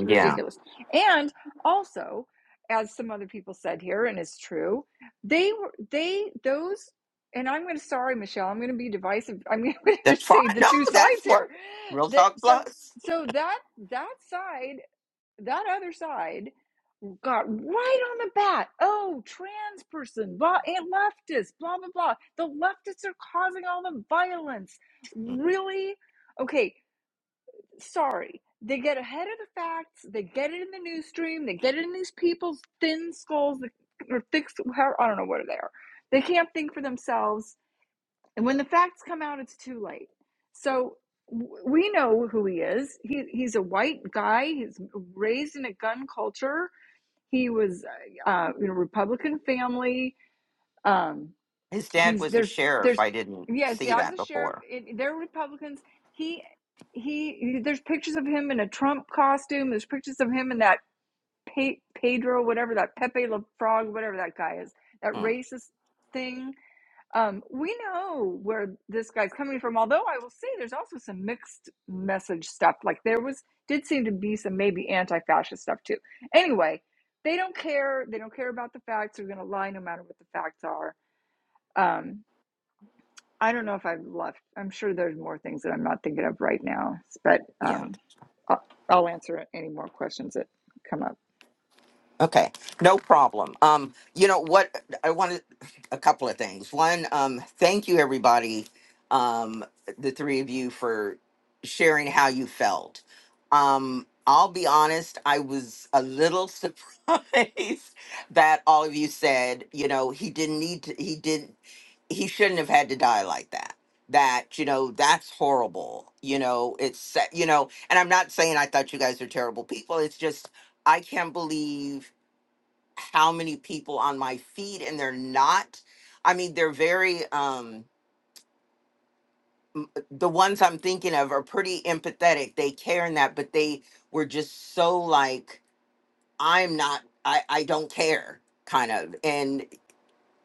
Speaker 1: Yeah. That's fine. No, that's what Real Talk Plus. Mm. His dad was a sheriff. I didn't see that before. Mm. Yeah. Okay, no problem. Um, you know what? I wanted a couple of things. One, um, thank you everybody, um, the three of you for sharing how you felt. Um, I'll be honest, I was a little surprised that all of you said, you know, he didn't need to, he didn't, he shouldn't have had to die like that that you know that's horrible you know it's sa- you know and i'm not saying i thought you guys are terrible people it's just i can't believe how many people on my feed and they're not i mean they're very um m- the ones i'm thinking of are pretty empathetic they care in that but they were just so like i'm not i i don't care kind of and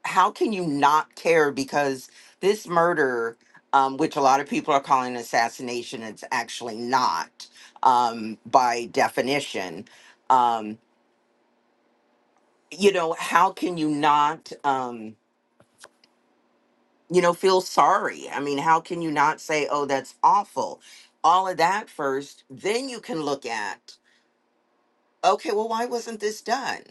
Speaker 1: how can you not care because this murder um, which a lot of people are calling assassination it's actually not um, by definition um, you know how can you not um, you know, feel sorry. I mean, how can you not say, oh, that's awful? All of that first, then you can look at okay, well, why wasn't this done?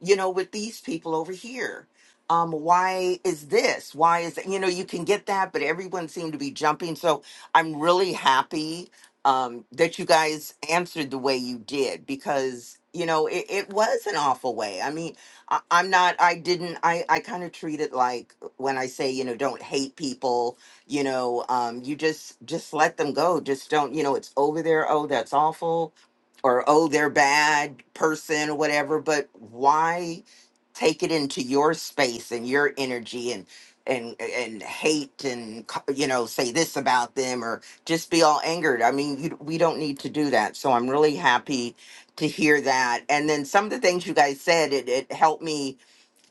Speaker 1: You know, with these people over here? Um, why is this? Why is that? You know, you can get that, but everyone seemed to be jumping. So I'm really happy um, that you guys answered the way you did because, you know, it, it was an awful way. I mean, I, I'm not, I didn't, I, I kind of treat it like when I say, you know, don't hate people, you know, um, you just, just let them go. Just don't, you know, it's over there. Oh, that's awful or oh they're bad person or whatever but why take it into your space and your energy and and and hate and co- you know say this about them or just be all angered i mean you, we don't need to do that so i'm really happy to hear that and then some of the things you guys said it, it helped me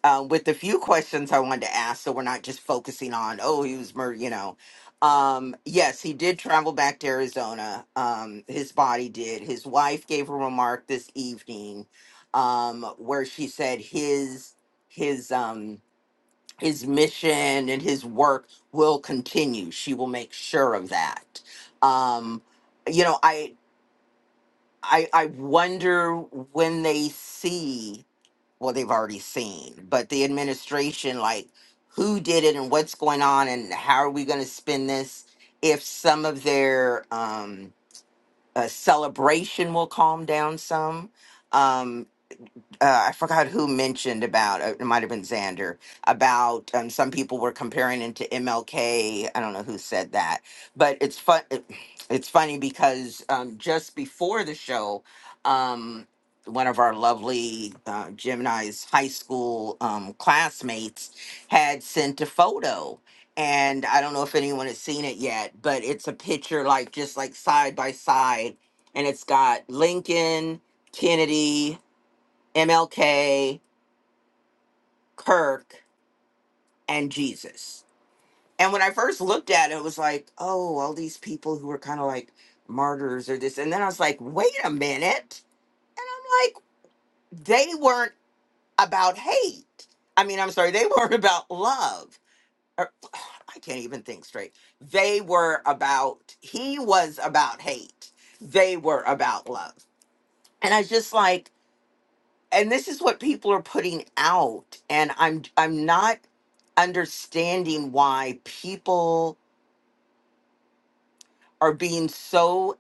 Speaker 1: uh, with a few questions I wanted to ask, so we're not just focusing on oh he was murdered, you know. Um, yes, he did travel back to Arizona. Um, his body did. His wife gave a remark this evening, um, where she said his his um his mission and his work will continue. She will make sure of that. Um, you know, I I I wonder when they see well they've already seen but the administration like who did it and what's going on and how are we going to spend this if some of their um uh, celebration will calm down some um uh, I forgot who mentioned about uh, it might have been Xander about um, some people were comparing him to MLK. I don't know who said that, but it's fun. It's funny because um, just before the show, um, one of our lovely uh, Gemini's high school um, classmates had sent a photo. And I don't know if anyone has seen it yet, but it's a picture like just like side by side. And it's got Lincoln, Kennedy, MLK, Kirk, and Jesus. And when I first looked at it, it was like, oh, all these people who were kind of like martyrs or this. And then I was like, wait a minute. And I'm like, they weren't about hate. I mean, I'm sorry, they weren't about love. Or, I can't even think straight. They were about, he was about hate. They were about love. And I was just like, and this is what people are putting out and i'm i'm not understanding why people are being so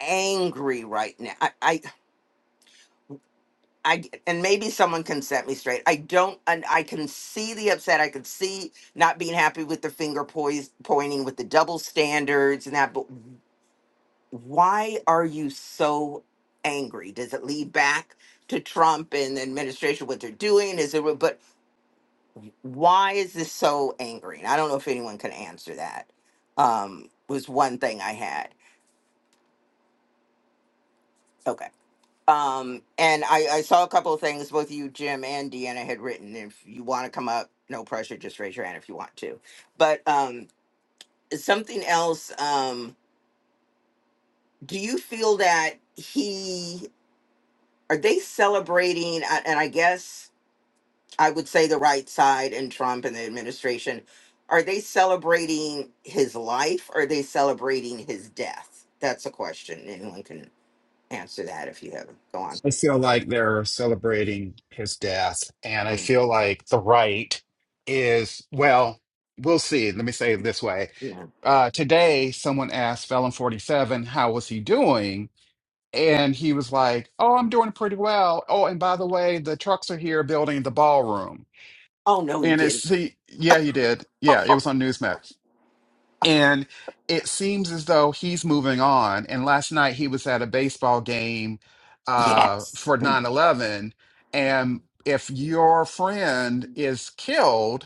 Speaker 1: angry right now i i, I and maybe someone can set me straight i don't and i can see the upset i can see not being happy with the finger poise, pointing with the double standards and that but why are you so angry does it lead back to trump and the administration what they're doing is it but why is this so angry? And I don't know if anyone can answer that. Um, was one thing I had. Okay. Um, and I, I saw a couple of things both you, Jim, and Deanna had written. If you want to come up, no pressure, just raise your hand if you want to. But um, something else, um, do you feel that he, are they celebrating? a- And I guess I would say the right side and Trump and the administration, are they celebrating his life or are they celebrating his death? That's a question. Anyone can answer that if you have. Go on.
Speaker 2: I feel like they're celebrating his death, and I
Speaker 1: Mm,
Speaker 2: feel like the right is, well, we'll see. Let me say it this way.
Speaker 1: yeah.
Speaker 2: Uh, today, someone asked Felon 47, how was he doing? And he was like, oh, I'm doing pretty well. Oh, and by the way, the trucks are here building the ballroom.
Speaker 1: Oh, no, he
Speaker 2: And it's,
Speaker 1: didn't.
Speaker 2: see, yeah, he did. Yeah, it was on Newsmax And it seems as though he's moving on. And last night he was at a baseball game uh,
Speaker 1: yes.
Speaker 2: for nine eleven. And if your friend is killed,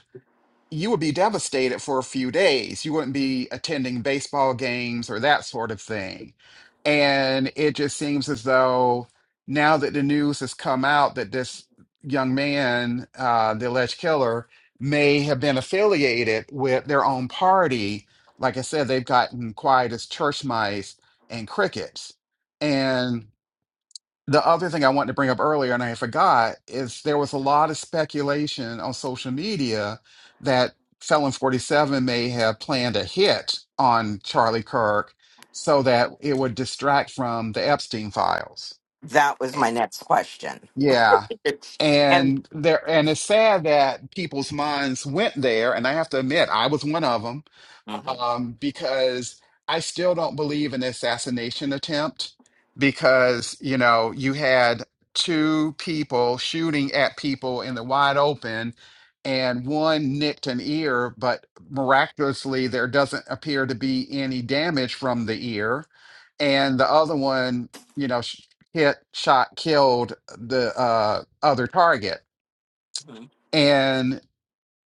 Speaker 2: you would be devastated for a few days. You wouldn't be attending baseball games or that sort of thing. And it just seems as though now that the news has come out that this young man, uh, the alleged killer, may have been affiliated with their own party, like I said, they've gotten quiet as church mice and crickets. And the other thing I wanted to bring up earlier, and I forgot, is there was a lot of speculation on social media that Felon 47 may have planned a hit on Charlie Kirk so that it would distract from the Epstein files.
Speaker 1: That was my next question.
Speaker 2: Yeah.
Speaker 1: It's- and
Speaker 2: And there, and it's sad that people's minds went there. And I have to admit, I was one of them
Speaker 1: Mhm,
Speaker 2: um, because I still don't believe in the assassination attempt because, you know, you had two people shooting at people in the wide open and one nicked an ear, but miraculously there doesn't appear to be any damage from the ear. And the other one, you know, sh- hit, shot, killed the uh, other target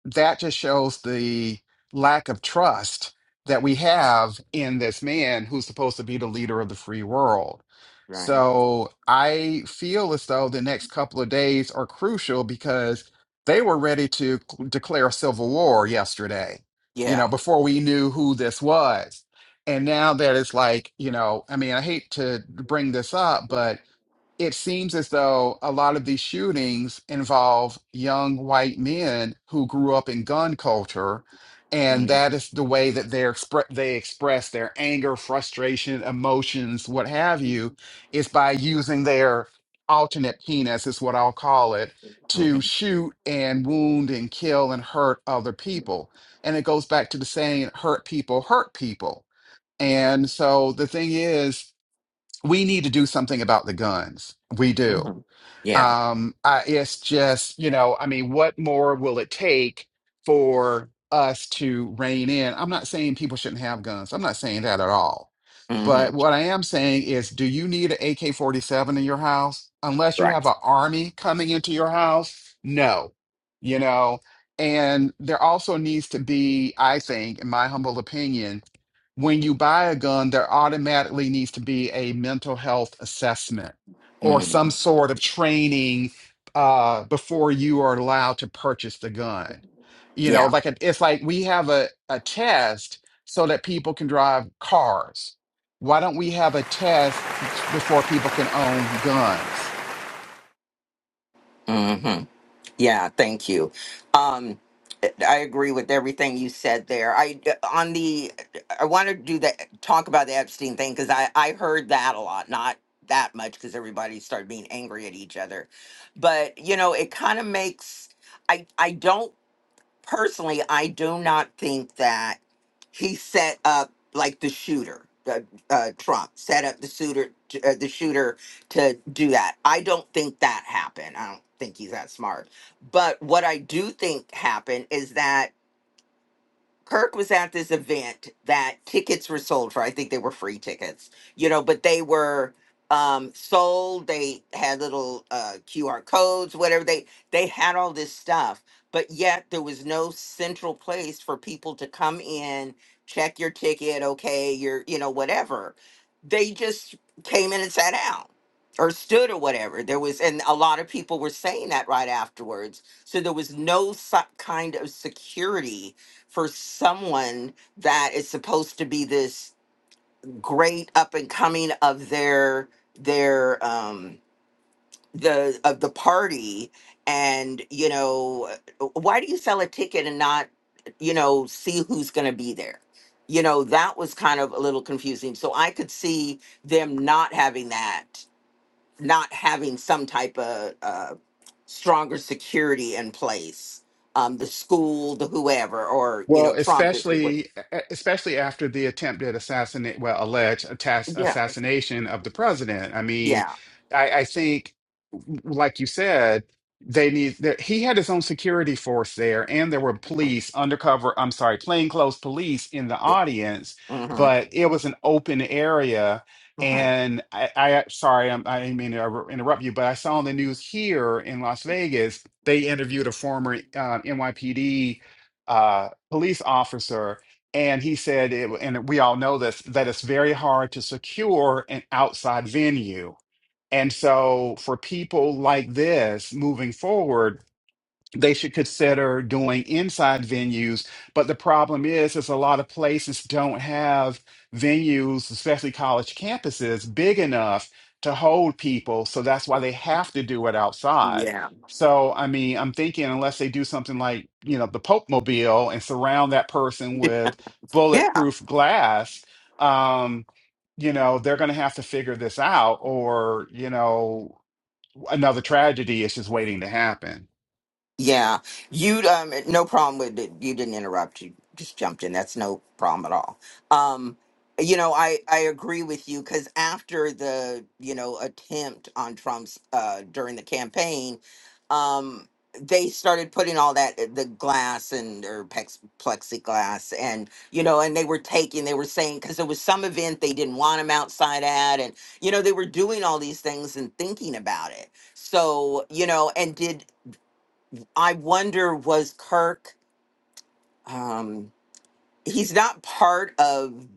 Speaker 2: that just shows the lack of trust that we have in this man who's supposed to be the leader of the free world.
Speaker 1: right.
Speaker 2: So I feel as though the next couple of days are crucial because they were ready to c- declare a civil war yesterday,
Speaker 1: Yeah.
Speaker 2: you know, before we knew who this was. And now that it's like, you know, I mean, I hate to bring this up, but it seems as though a lot of these shootings involve young white men who grew up in gun culture, and
Speaker 1: hmm
Speaker 2: that is the way that they expre they express their anger, frustration, emotions, what have you, is by using their alternate penis, is what I'll call it,
Speaker 1: hmm
Speaker 2: to shoot and wound and kill and hurt other people. And it goes back to the saying, hurt people, hurt people. And so the thing is, we need to do something about the guns. We do.
Speaker 1: hmm Yeah.
Speaker 2: Um, I, it's just, you know, I mean, what more will it take for us to rein in? I'm not saying people shouldn't have guns. I'm not saying that at all.
Speaker 1: hmm
Speaker 2: But what I am saying is, do you need an AK-47 in your house? Unless you have
Speaker 1: Right.
Speaker 2: an army coming into your house? No. You know, and there also needs to be, I think, in my humble opinion, when you buy a gun, there automatically needs to be a mental health assessment or
Speaker 1: hmm
Speaker 2: some sort of training uh, before you are allowed to purchase the gun. You know, like it- it's like we have a, a test so that people can drive cars. Why don't we have a test before people can own guns?
Speaker 1: Yeah. Yeah, thank you. Um, I agree with everything you said there. I on the I want to do that talk about the Epstein thing because I I heard that a lot, not that much because everybody started being angry at each other, but you know it kind of makes I I don't personally, I do not think that he set up like the shooter, uh, uh, Trump set up the shooter, uh, the shooter to do that. I don't think that happened. I don't think he's that smart. But what I do think happened is that Kirk was at this event that tickets were sold for. I think they were free tickets, you know, but they were um sold. They had little uh QR codes, whatever they they had all this stuff, but yet there was no central place for people to come in, check your ticket, okay, your you know, whatever. They just came in and sat down or stood or whatever. There was and a lot of people were saying that right afterwards. So there was no so- kind of security for someone that is supposed to be this great up and coming of their their um the of the party and you know why do you sell a ticket and not you know see who's going to be there you know that was kind of a little confusing so i could see them not having that not having some type of uh stronger security in place um the school the whoever or you
Speaker 2: Well,
Speaker 1: know trump
Speaker 2: especially e-, e-, especially after the attempted assassinate, well, alleged attass
Speaker 1: Yeah.
Speaker 2: assassination of the president. I mean,
Speaker 1: Yeah.
Speaker 2: I, I think, like you said, they need that he had his own security force there, and there were
Speaker 1: Mm,
Speaker 2: police undercover, I'm sorry, plainclothes police in the
Speaker 1: Yeah.
Speaker 2: audience,
Speaker 1: Mm-hmm.
Speaker 2: but it was an open area.
Speaker 1: Right.
Speaker 2: And I, I sorry, I'm, I didn't mean to interrupt you, but I saw on the news here in Las Vegas, they interviewed a former uh, NYPD uh, police officer, and he said, it, and we all know this, that it's very hard to secure an outside venue. And so, for people like this moving forward, they should consider doing inside venues. But the problem is, is a lot of places don't have venues, especially college campuses, big enough to hold people. So that's why they have to do it outside.
Speaker 1: Yeah.
Speaker 2: So, I mean, I'm thinking unless they do something like, you know, the Pope Mobile and surround that person with
Speaker 1: Yeah.
Speaker 2: bulletproof glass, um, you know, they're going to have to figure this out, or, you know, another tragedy is just waiting to happen.
Speaker 1: Yeah, you um no problem with it. You didn't interrupt. You just jumped in. That's no problem at all. Um, you know, I I agree with you because after the you know attempt on Trump's uh during the campaign, um they started putting all that uh, the glass and or pex, plexiglass and you know and they were taking they were saying because there was some event they didn't want him outside at and you know they were doing all these things and thinking about it so you know and did I wonder was Kirk um he's not part of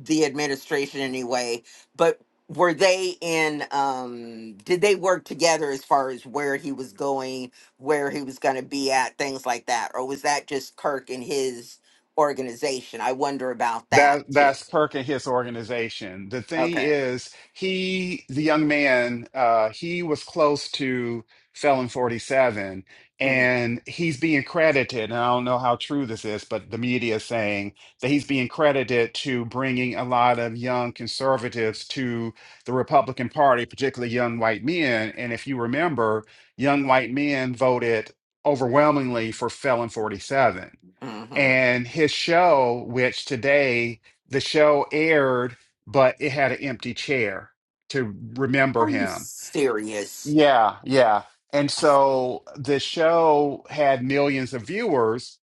Speaker 1: the administration anyway, but were they in um did they work together as far as where he was going, where he was going to be at, things like that or was that just Kirk and his organization? I wonder about that
Speaker 2: That
Speaker 1: too.
Speaker 2: that's Kirk and his organization. The thing
Speaker 1: Okay.
Speaker 2: is, he, the young man, uh, he was close to Felon 47,
Speaker 1: Mhm.
Speaker 2: and he's being credited. And I don't know how true this is, but the media is saying that he's being credited to bringing a lot of young conservatives to the Republican Party, particularly young white men. And if you remember, young white men voted overwhelmingly for Felon 47
Speaker 1: Mhm.
Speaker 2: and his show, which today the show aired, but it had an empty chair to remember
Speaker 1: Are you
Speaker 2: him.
Speaker 1: serious?
Speaker 2: Yeah, yeah. And so the show had millions of viewers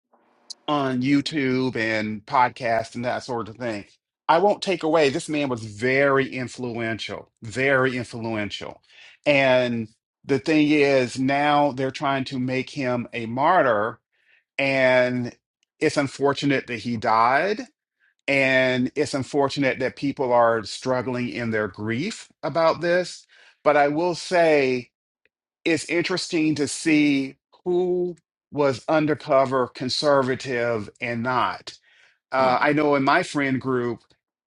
Speaker 2: on YouTube and podcasts and that sort of thing. I won't take away this man was very influential, very influential. And the thing is, now they're trying to make him a martyr and it's unfortunate that he died. And it's unfortunate that people are struggling in their grief about this. But I will say it's interesting to see who was undercover conservative and not uh,
Speaker 1: Mhm.
Speaker 2: I know in my friend group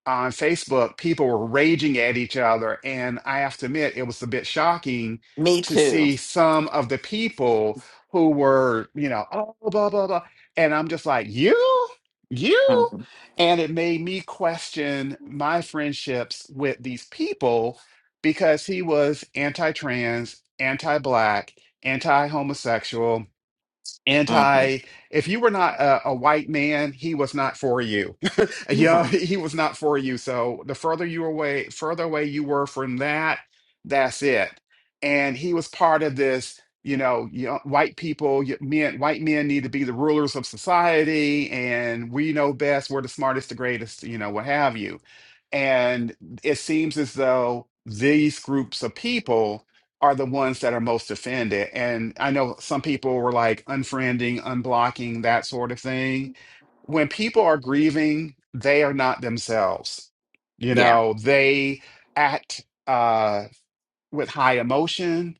Speaker 2: on Facebook, people were raging at each other. And I have to admit, it was a bit shocking
Speaker 1: Me
Speaker 2: to
Speaker 1: too.
Speaker 2: see some of the people who were, you know, oh, blah, blah, blah. And I'm just like, you, you.
Speaker 1: Mhm.
Speaker 2: And it made me question my friendships with these people because he was anti trans, anti black, anti homosexual
Speaker 1: Mhm.
Speaker 2: anti if you were not a, a white man he was not for you yeah
Speaker 1: Mhm.
Speaker 2: he was not for you so the further you away further away you were from that that's it and he was part of this you know yo- white people y- men white men need to be the rulers of society and we know best we're the smartest the greatest you know what have you and it seems as though these groups of people are the ones that are most offended. And I know some people were like unfriending, unblocking, that sort of thing. When people are grieving, they are not themselves. You
Speaker 1: Yeah.
Speaker 2: know, they act uh, with high emotion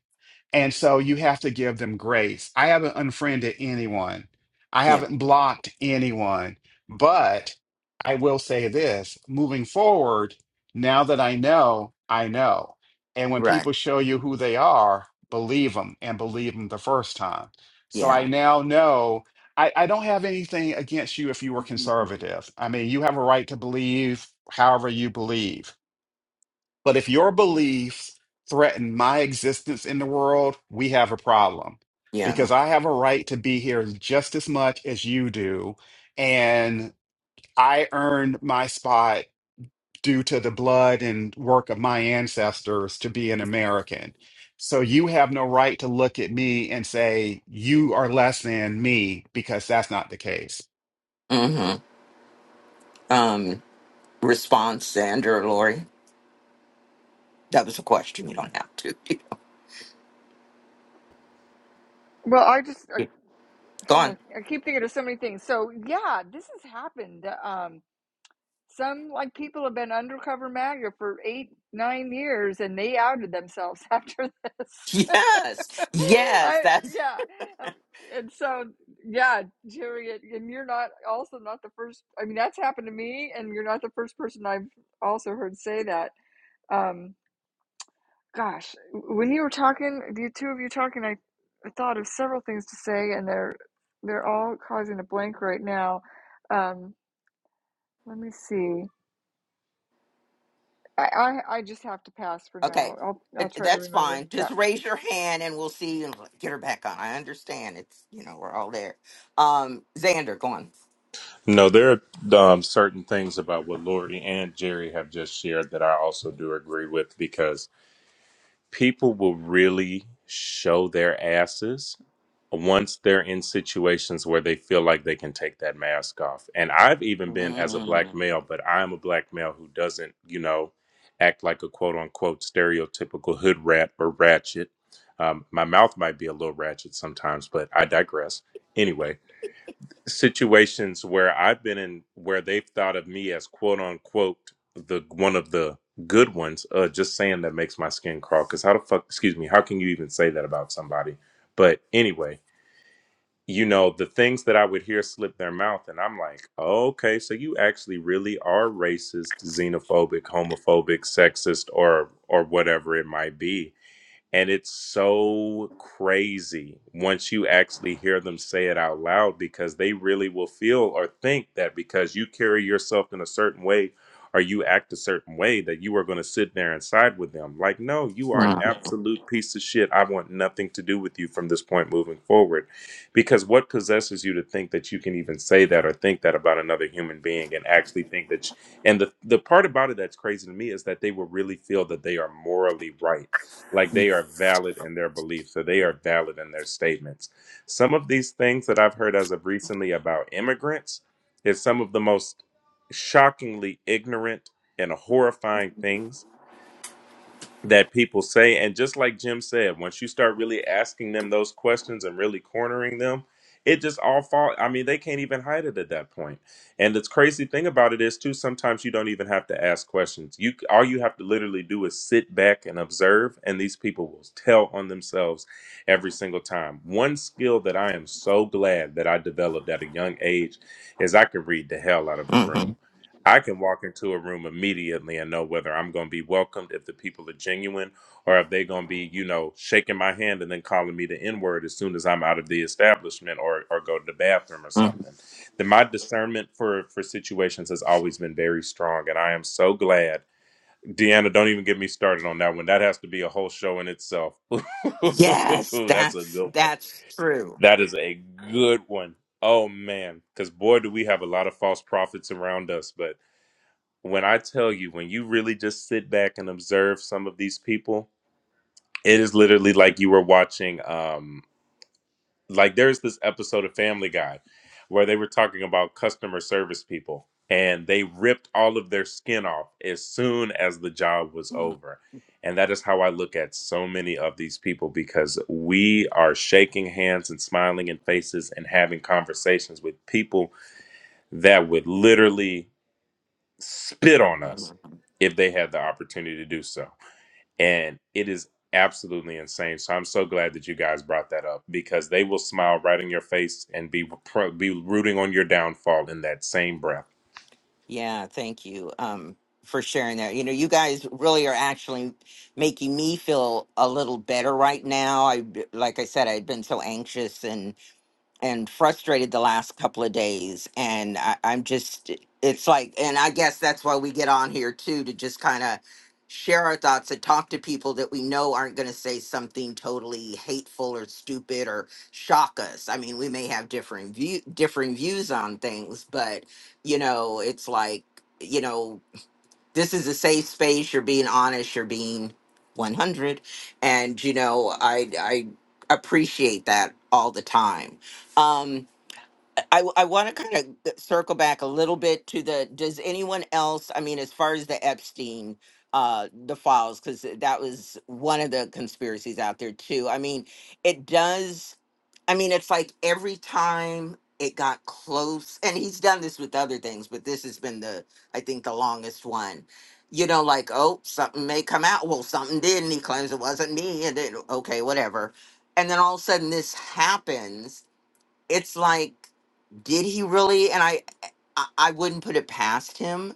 Speaker 2: and so you have to give them grace. I haven't unfriended anyone. I
Speaker 1: Yeah.
Speaker 2: haven't blocked anyone. But I will say this, moving forward, now that I know, I know. And when
Speaker 1: Right.
Speaker 2: people show you who they are, believe them and believe them the first time. So I
Speaker 1: Yeah.
Speaker 2: now know I, I don't have anything against you if you were conservative. I mean, you have a right to believe however you believe. But if your beliefs threaten my existence in the world, we have a problem because I have a right to be here just as much as you do. And I earned my spot due to the blood and work of my ancestors to be an American. So you have no right to look at me and say, you are less than me because that's not the case.
Speaker 1: Mm-hmm. um, response, Sandra or Lori? That was a question. You don't have to. Yeah. Go on. Yes. Yes. That's okay. It- That's fine. Just raise your hand and we'll see. And get her back on. I understand. It's, you know, we're all there. Um, Xander, go on.
Speaker 3: No, there are um, certain things about what Lori and Jerry have just shared that I also do agree with because. people will really show their asses once they're in situations where they feel like they can take that mask off. And I've even been as a black male, but I'm a black male who doesn't, you know, act like a quote unquote stereotypical hood rat or ratchet. Um, my mouth might be a little ratchet sometimes, but I digress. Anyway, situations where I've been in where they've thought of me as quote unquote the one of the good ones, uh, just saying that makes my skin crawl. Cause how the fuck, excuse me, how can you even say that about somebody? But anyway, you know, the things that I would hear slip their mouth, and I'm like, oh, okay, so you actually really are racist, xenophobic, homophobic, sexist, or or whatever it might be and it's so crazy once you actually hear them say it out loud because they really will feel or think that because you carry yourself in a certain way or you act a certain way that you are going to sit there and side with them. Like, no, you are an absolute piece of shit. I want nothing to do with you from this point moving forward. Because what possesses you to think that you can even say that or think that about another human being and actually think that? sh- and the, the part about it that's crazy to me is that they will really feel that they are morally right like they are valid in their beliefs so they are valid in their statements some of these things that i've heard as of recently about immigrants is some of the most shockingly ignorant and horrifying things that people say. And just like Jim said, once you start really asking them those questions and really cornering them, it just all fall. I mean, they can't even hide it at that point. And the crazy thing about it is, too, sometimes you don't even have to ask questions. You all you have to literally do is sit back and observe, and these people will tell on themselves every single time. One skill that I am so glad that I developed at a young age is I could read the hell out of a room. I can walk into a room immediately and know whether I'm going to be welcomed, if the people are genuine, or if they're going to be, you know, shaking my hand and then calling me the N word as soon as I'm out of the establishment or, or go to the bathroom or
Speaker 1: Mhm.
Speaker 3: something. Then my discernment for, for situations has always been very strong. And I am so glad. Deanna, don't even get me started on that one. That has to be a whole show in itself.
Speaker 1: Yes.
Speaker 3: That's a
Speaker 1: That's,
Speaker 3: good one.
Speaker 1: that's true.
Speaker 3: That is a good one. Oh, man. Because, boy, do we have a lot of false prophets around us, but when I tell you, when you really just sit back and observe some of these people, it is literally like you were watching. Um, like there's this episode of Family Guy where they were talking about customer service people, and they ripped all of their skin off as soon as the job was over. And that is how I look at so many of these people because we are shaking hands and smiling in faces and having conversations with people that would literally spit on us if they had the opportunity to do so. And it is absolutely insane. So I'm so glad that you guys brought that up because they will smile right in your face and be pro- be rooting on your downfall in that same breath.
Speaker 1: Yeah. Thank you. Um, for sharing that. You know, you guys really are actually making me feel a little better right now. I, like I said, I'd been so anxious and and frustrated the last couple of days and I, i'm just it's like and i guess that's why we get on here too to just kind of share our thoughts and talk to people that we know aren't going to say something totally hateful or stupid or shock us i mean we may have different view different views on things but you know it's like you know this is a safe space you're being honest you're being 100 and you know i i appreciate that all the time um I, I want to kind of circle back a little bit to the does anyone else i mean as far as the epstein uh the files because that was one of the conspiracies out there too i mean it does i mean it's like every time it got close and he's done this with other things but this has been the i think the longest one you know like oh something may come out well something did and he claims it wasn't me and then okay whatever and then all of a sudden this happens it's like did he really and I, I i wouldn't put it past him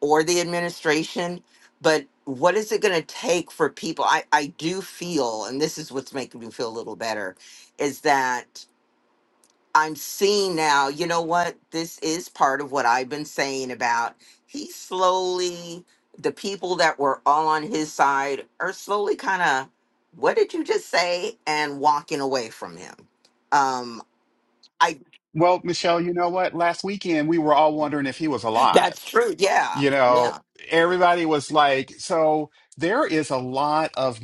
Speaker 1: or the administration but what is it going to take for people i i do feel and this is what's making me feel a little better is that i'm seeing now you know what this is part of what i've been saying about he slowly the people that were all on his side are slowly kind of what did you just say and walking away from him um I
Speaker 2: Well, Michelle, you know what? Last weekend we were all wondering if he was
Speaker 1: That's
Speaker 2: alive.
Speaker 1: true. Yeah.
Speaker 2: you
Speaker 1: Yeah.
Speaker 2: know, everybody was like, so there is a lot of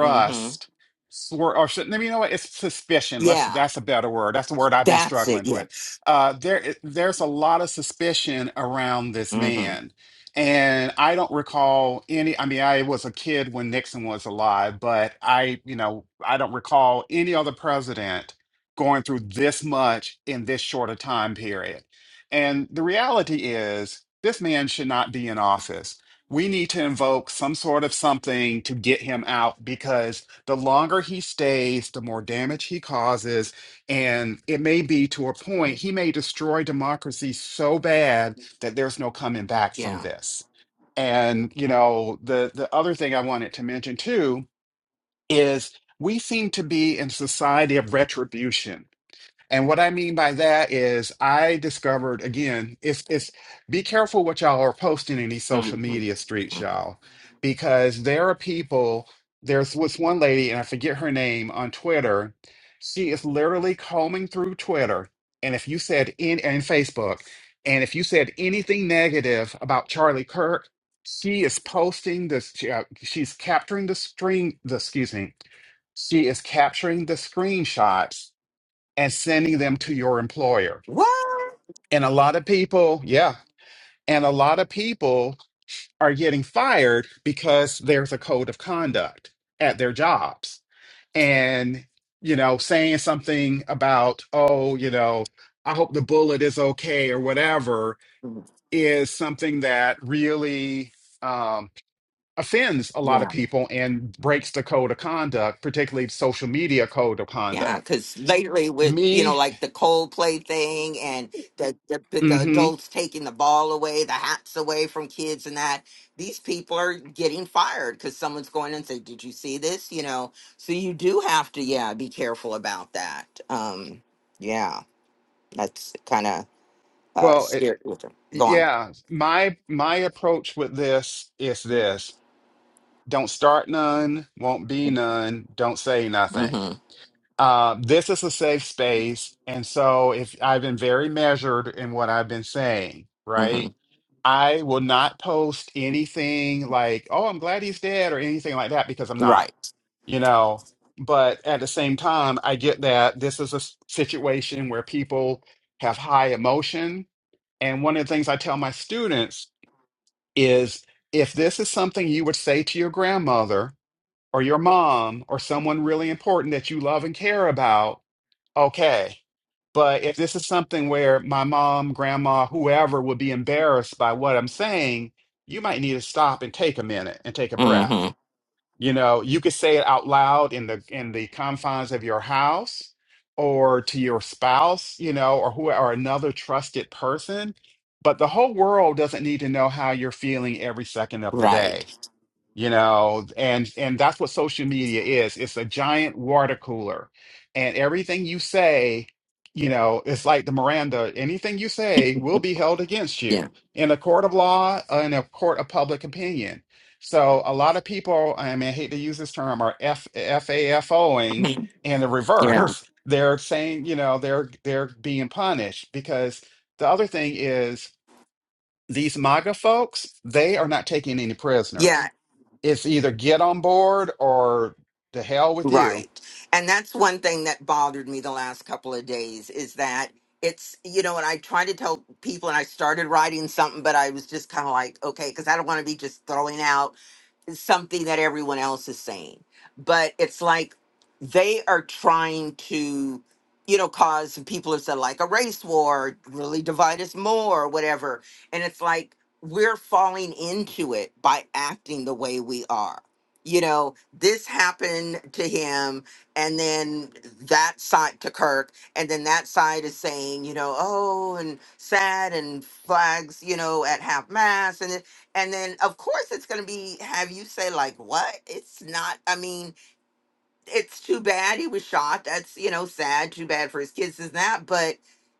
Speaker 1: Mm-hmm.
Speaker 2: swir- or should, you know what? It's suspicion. Let's
Speaker 1: Yeah.
Speaker 2: that's a better word. That's the word I've been
Speaker 1: That's it.
Speaker 2: struggling with.
Speaker 1: Yes.
Speaker 2: Uh, there, there's a lot of suspicion around this
Speaker 1: Mm-hmm.
Speaker 2: man, and I don't recall any. I mean, I was a kid when Nixon was alive, but I, you know, I don't recall any other president going through this much in this short a time period and the reality is, this man should not be in office. We need to invoke some sort of something to get him out because the longer he stays, the more damage he causes. And it may be to a point, he may destroy democracy so bad that there's no coming back from
Speaker 1: Yeah.
Speaker 2: this. And, you know, the, the other thing I wanted to mention too is we seem to be in society of retribution and what I mean by that is I discovered again, it's it's be careful what y'all are posting in these social media streets, y'all, because there are people, there's was one lady, and I forget her name on Twitter. She is literally combing through Twitter. And if you said in and Facebook, and if you said anything negative about Charlie Kirk, she is posting this, she, uh, she's capturing the screen, the excuse me, she is capturing the screenshots and sending them to your employer.
Speaker 1: What?
Speaker 2: And a lot of people, yeah, and a lot of people are getting fired because there's a code of conduct at their jobs. And, you know, saying something about, oh, you know, I hope the bullet is okay or whatever
Speaker 1: Mm,
Speaker 2: is something that really um, offends a lot of
Speaker 1: Yeah.
Speaker 2: people and breaks the code of conduct, particularly social media code of
Speaker 1: Yeah.
Speaker 2: conduct.
Speaker 1: Because lately, with you know,
Speaker 2: Me,
Speaker 1: like the Coldplay thing and the, the the
Speaker 2: mm-hmm.
Speaker 1: adults taking the ball away, the hats away from kids, and that these people are getting fired because someone's going and say, "Did you see this?" You know. So you do have to, yeah, be careful about that. Um. Yeah. That's kind of uh,
Speaker 2: Well,
Speaker 1: scared with them. Go on.
Speaker 2: Yeah, my my approach with this is this. Don't start none, won't be none, don't say nothing.
Speaker 1: Mm-hmm.
Speaker 2: Uh, this is a safe space, and so if I've been very measured in what I've been saying,
Speaker 1: mm-hmm.
Speaker 2: right? I will not post anything like, "Oh, I'm glad he's dead" or anything like that because I'm not,
Speaker 1: Right.
Speaker 2: you know. But at the same time, I get that this is a s- situation where people have high emotion, and one of the things I tell my students is if this is something you would say to your grandmother or your mom or someone really important that you love and care about, okay. But if this is something where my mom, grandma, whoever would be embarrassed by what I'm saying, you might need to stop and take a minute and take a breath you know, you could say it out loud in the in the confines of your house or to your spouse, you know, or who or another trusted person, but the whole world doesn't need to know how you're feeling every second of the
Speaker 1: Right.
Speaker 2: day you know and and that's what social media is it's a giant water cooler and everything you say you know it's like the miranda anything you say will be held against you
Speaker 1: Yeah.
Speaker 2: in a court of law uh, in a court of public opinion so a lot of people i mean i hate to use this term are f fafoing in the reverse they're saying you know they're they're being punished because the other thing is these maga folks they are not taking any prisoners
Speaker 1: Yeah,
Speaker 2: it's either get on board or to hell with you.
Speaker 1: right. And that's one thing that bothered me the last couple of days is that it's, you know, and I try to tell people, and I started writing something, but I was just kind of like, okay, because I don't want to be just throwing out. something that everyone else is saying, but it's like they are trying to, you know, cause people have said like a race war, really divide us more, or whatever. And it's like we're falling into it by acting the way we are. You know, this happened to him, and then that side to Kirk, and then that side is saying, you know, oh, and sad and flags, you know, at half mast, and then of course it's going to be have you say like what? It's not. I mean, it's too bad he was shot. That's, you know, sad, too bad for his kids and that, but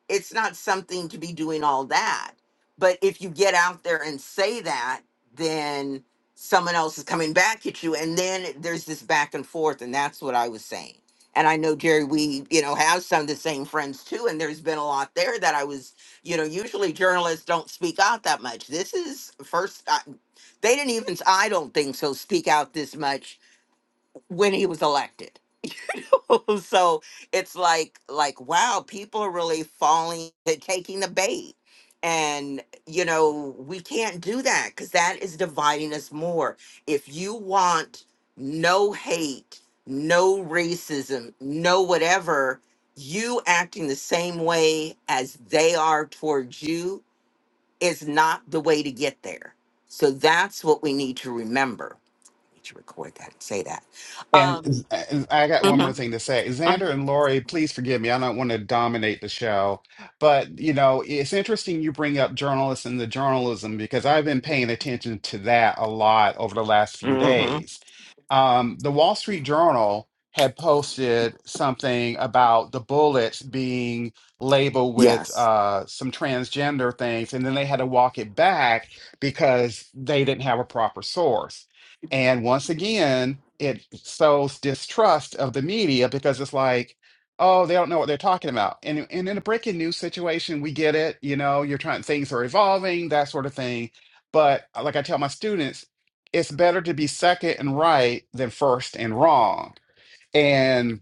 Speaker 1: it's not something to be doing all that. But if you get out there and say that, then someone else is coming back at you. And then there's this back and forth. And that's what I was saying. And I know, Jerry, we, you know, have some of the same friends too. And there's been a lot there that I was, you know, usually journalists don't speak out that much. This is first, I, they didn't even, I don't think so, speak out this much when he was elected so it's like like wow, people are really falling to taking the bait. And you know, we can't do that cuz that is dividing us more. If you want no hate, no racism, no whatever, you acting the same way as they are towards you is not the way to get there. So that's what we need to remember. I need to record that and say that.
Speaker 2: And Z-
Speaker 1: Um,
Speaker 2: uh, Z- I got one more
Speaker 1: hmm
Speaker 2: thing to say. Xander and Lori, please forgive me. I don't want to dominate the show. But, you know, it's interesting you bring up journalists and the journalism because I've been paying attention to that a lot over the last few days. Um, the Wall Street Journal had posted something about the bullets being labeled with uh, some transgender things, and then they had to walk it back because they didn't have a proper source. And once again, it sows distrust of the media because it's like, oh, they don't know what they're talking about. And, and in a breaking news situation, we get it. You know, you're trying, things are evolving, that sort of thing. But uh, like I tell my students, it's better to be second and right than first and wrong. And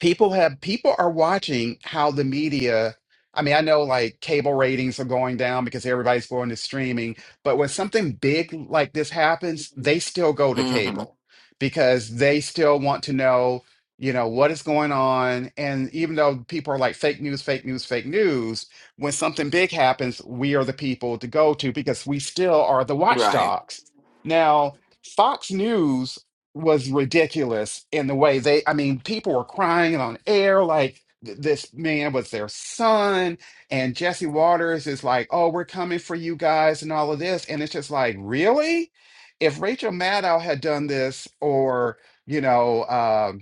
Speaker 2: people have people are watching how the media i mean i know like cable ratings are going down because everybody's going to streaming but when something big like this happens they still go to
Speaker 1: hmm
Speaker 2: cable because they still want to know you know what is going on and even though people are like fake news fake news fake news when something big happens we are the people to go to because we still are the
Speaker 1: Right.
Speaker 2: watchdogs now fox news was ridiculous in the way they i mean people were crying on air like th- this man was their son and jesse waters is like oh we're coming for you guys and all of this and it's just like really if rachel maddow had done this or you know uh,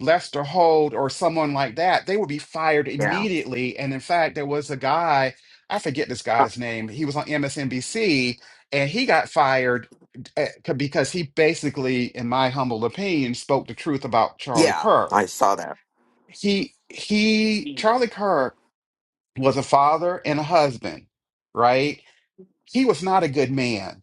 Speaker 2: Lester Holt or someone like that, they would be fired immediately. And in fact, there was a guy, I forget this guy's name, he was on MSNBC and he got fired uh, c- because he basically, in my humble opinion, spoke the truth about Charlie Kirk. He, he, Charlie Kirk was a father and a husband, right? he was not a good man.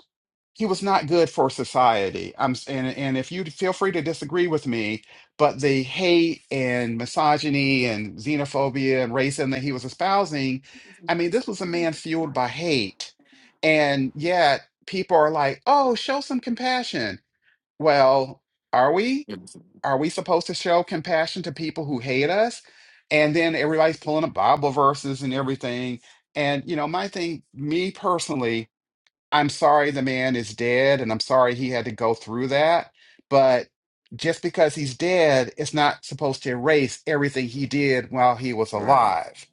Speaker 2: He was not good for society. I'm s- and and if you feel free to disagree with me, but the hate and misogyny and xenophobia and racism that he was espousing, I mean, this was a man fueled by hate, and yet people are like, "Oh, show some compassion." Well, are we? Are we supposed to show compassion to people who hate us? And then everybody's pulling up Bible verses and everything. And you know, my thing, me personally, I'm sorry the man is dead, and I'm sorry he had to go through that. But just because he's dead, it's not supposed to erase everything he did while he was
Speaker 1: Right.
Speaker 2: alive.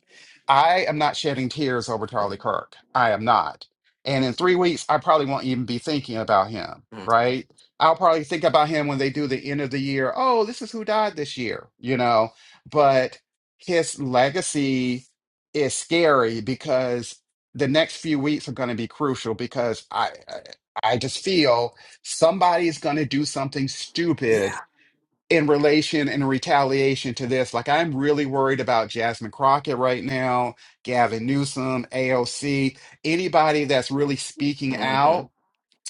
Speaker 2: I am not shedding tears over Charlie Kirk. I am not. And in three weeks, I probably won't even be thinking about him, right? I'll probably think about him when they do the end of the year. Oh, this is who died this year, you know? But his legacy is scary because the next few weeks are going to be crucial because I I I just feel somebody's going to do something stupid in relation and retaliation to this. Like I'm really worried about Jasmine Crockett right now, Gavin Newsom, AOC, anybody that's really speaking out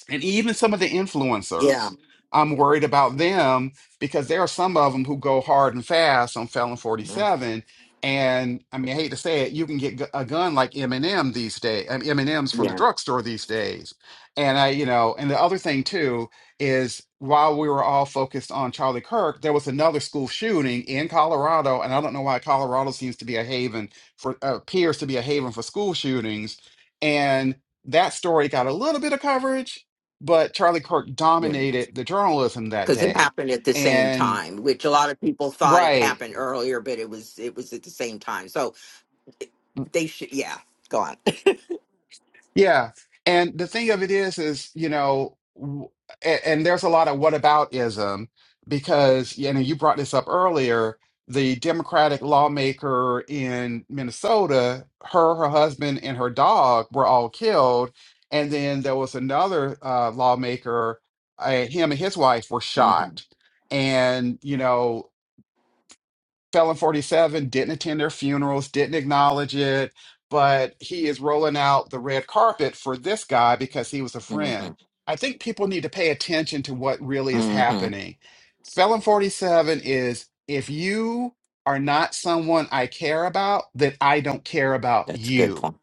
Speaker 2: and even some of the influencers i'm worried about them because there are some of them who go hard and fast on felon 47 and i mean i hate to say it you can get gu- a gun like m&m these days m&ms from the drugstore these days and i you know and the other thing too is while we were all focused on charlie kirk there was another school shooting in colorado and i don't know why colorado seems to be a haven for uh, appears to be a haven for school shootings and that story got a little bit of coverage but Charlie Kirk
Speaker 1: Because
Speaker 2: dominated the journalism that
Speaker 1: it
Speaker 2: day.
Speaker 1: happened at the same
Speaker 2: And
Speaker 1: time, which a lot of people thought it
Speaker 2: right,
Speaker 1: happened earlier, but it was it was at the same time. So they should, yeah, go on.
Speaker 2: yeah. And the thing of it is, is you know, w- a- and there's a lot of whataboutism because you know you brought this up earlier. The Democratic lawmaker in Minnesota, her, her husband, and her dog were all killed, and then there was another uh, lawmaker. Uh, him and his wife were shot,
Speaker 1: Mm-hmm.
Speaker 2: and you know Felon 47, didn't attend their funerals, didn't acknowledge it, but he is rolling out the red carpet for this guy because he was a
Speaker 1: Mm-hmm.
Speaker 2: friend. I think people need to pay attention to what really is
Speaker 1: Mm-hmm.
Speaker 2: happening. Felon 47 is if you are not someone I care about, then I don't care about
Speaker 1: That's a good
Speaker 2: you
Speaker 1: point.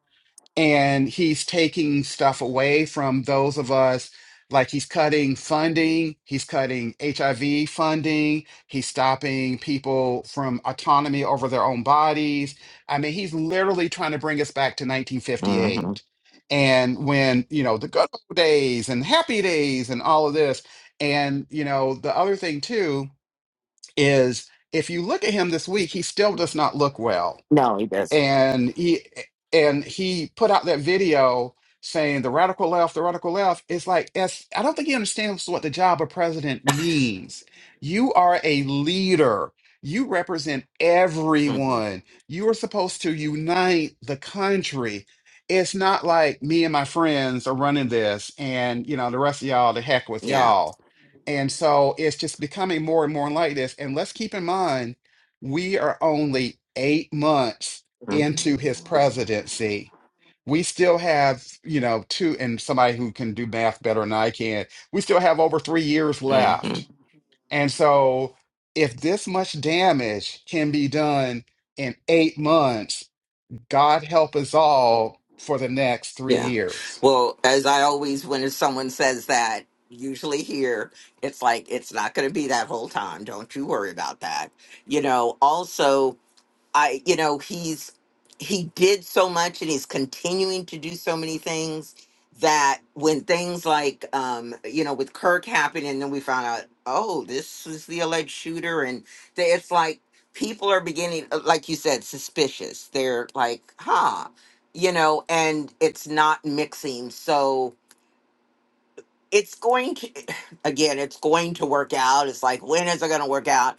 Speaker 2: and he's taking stuff away from those of us like he's cutting funding he's cutting hiv funding he's stopping people from autonomy over their own bodies i mean he's literally trying to bring us back to
Speaker 1: Mm-hmm.
Speaker 2: 1958 and when you know the good old days and happy days and all of this and you know the other thing too is if you look at him this week he still does not look well
Speaker 1: No, he doesn't.
Speaker 2: and he and he put out that video saying the radical left, the radical left. It's like as I don't think he understands what the job of president means. You are a leader. You represent
Speaker 1: Mm-hmm.
Speaker 2: everyone. You are supposed to unite the country. It's not like me and my friends are running this, and you know the rest of y'all The heck with
Speaker 1: Yeah.
Speaker 2: y'all. And so it's just becoming more and more like this. And let's keep in mind, we are only eight months into his presidency, we still have, you know, two, and somebody who can do math better than I can, we still have over three years
Speaker 1: Mm-hmm.
Speaker 2: left. And so, if this much damage can be done in eight months, God help us all for the next three
Speaker 1: Yeah.
Speaker 2: years.
Speaker 1: Well, as I always, when someone says that, usually here, it's like, it's not going to be that whole time. Don't you worry about that. You know, also, I, you know, he's he did so much and he's continuing to do so many things that when things like um you know with Kirk happened and then we found out oh this is the alleged shooter and they, it's like people are beginning uh, like you said suspicious they're like huh you know and it's not mixing so it's going to again it's going to work out it's like when is it going to work out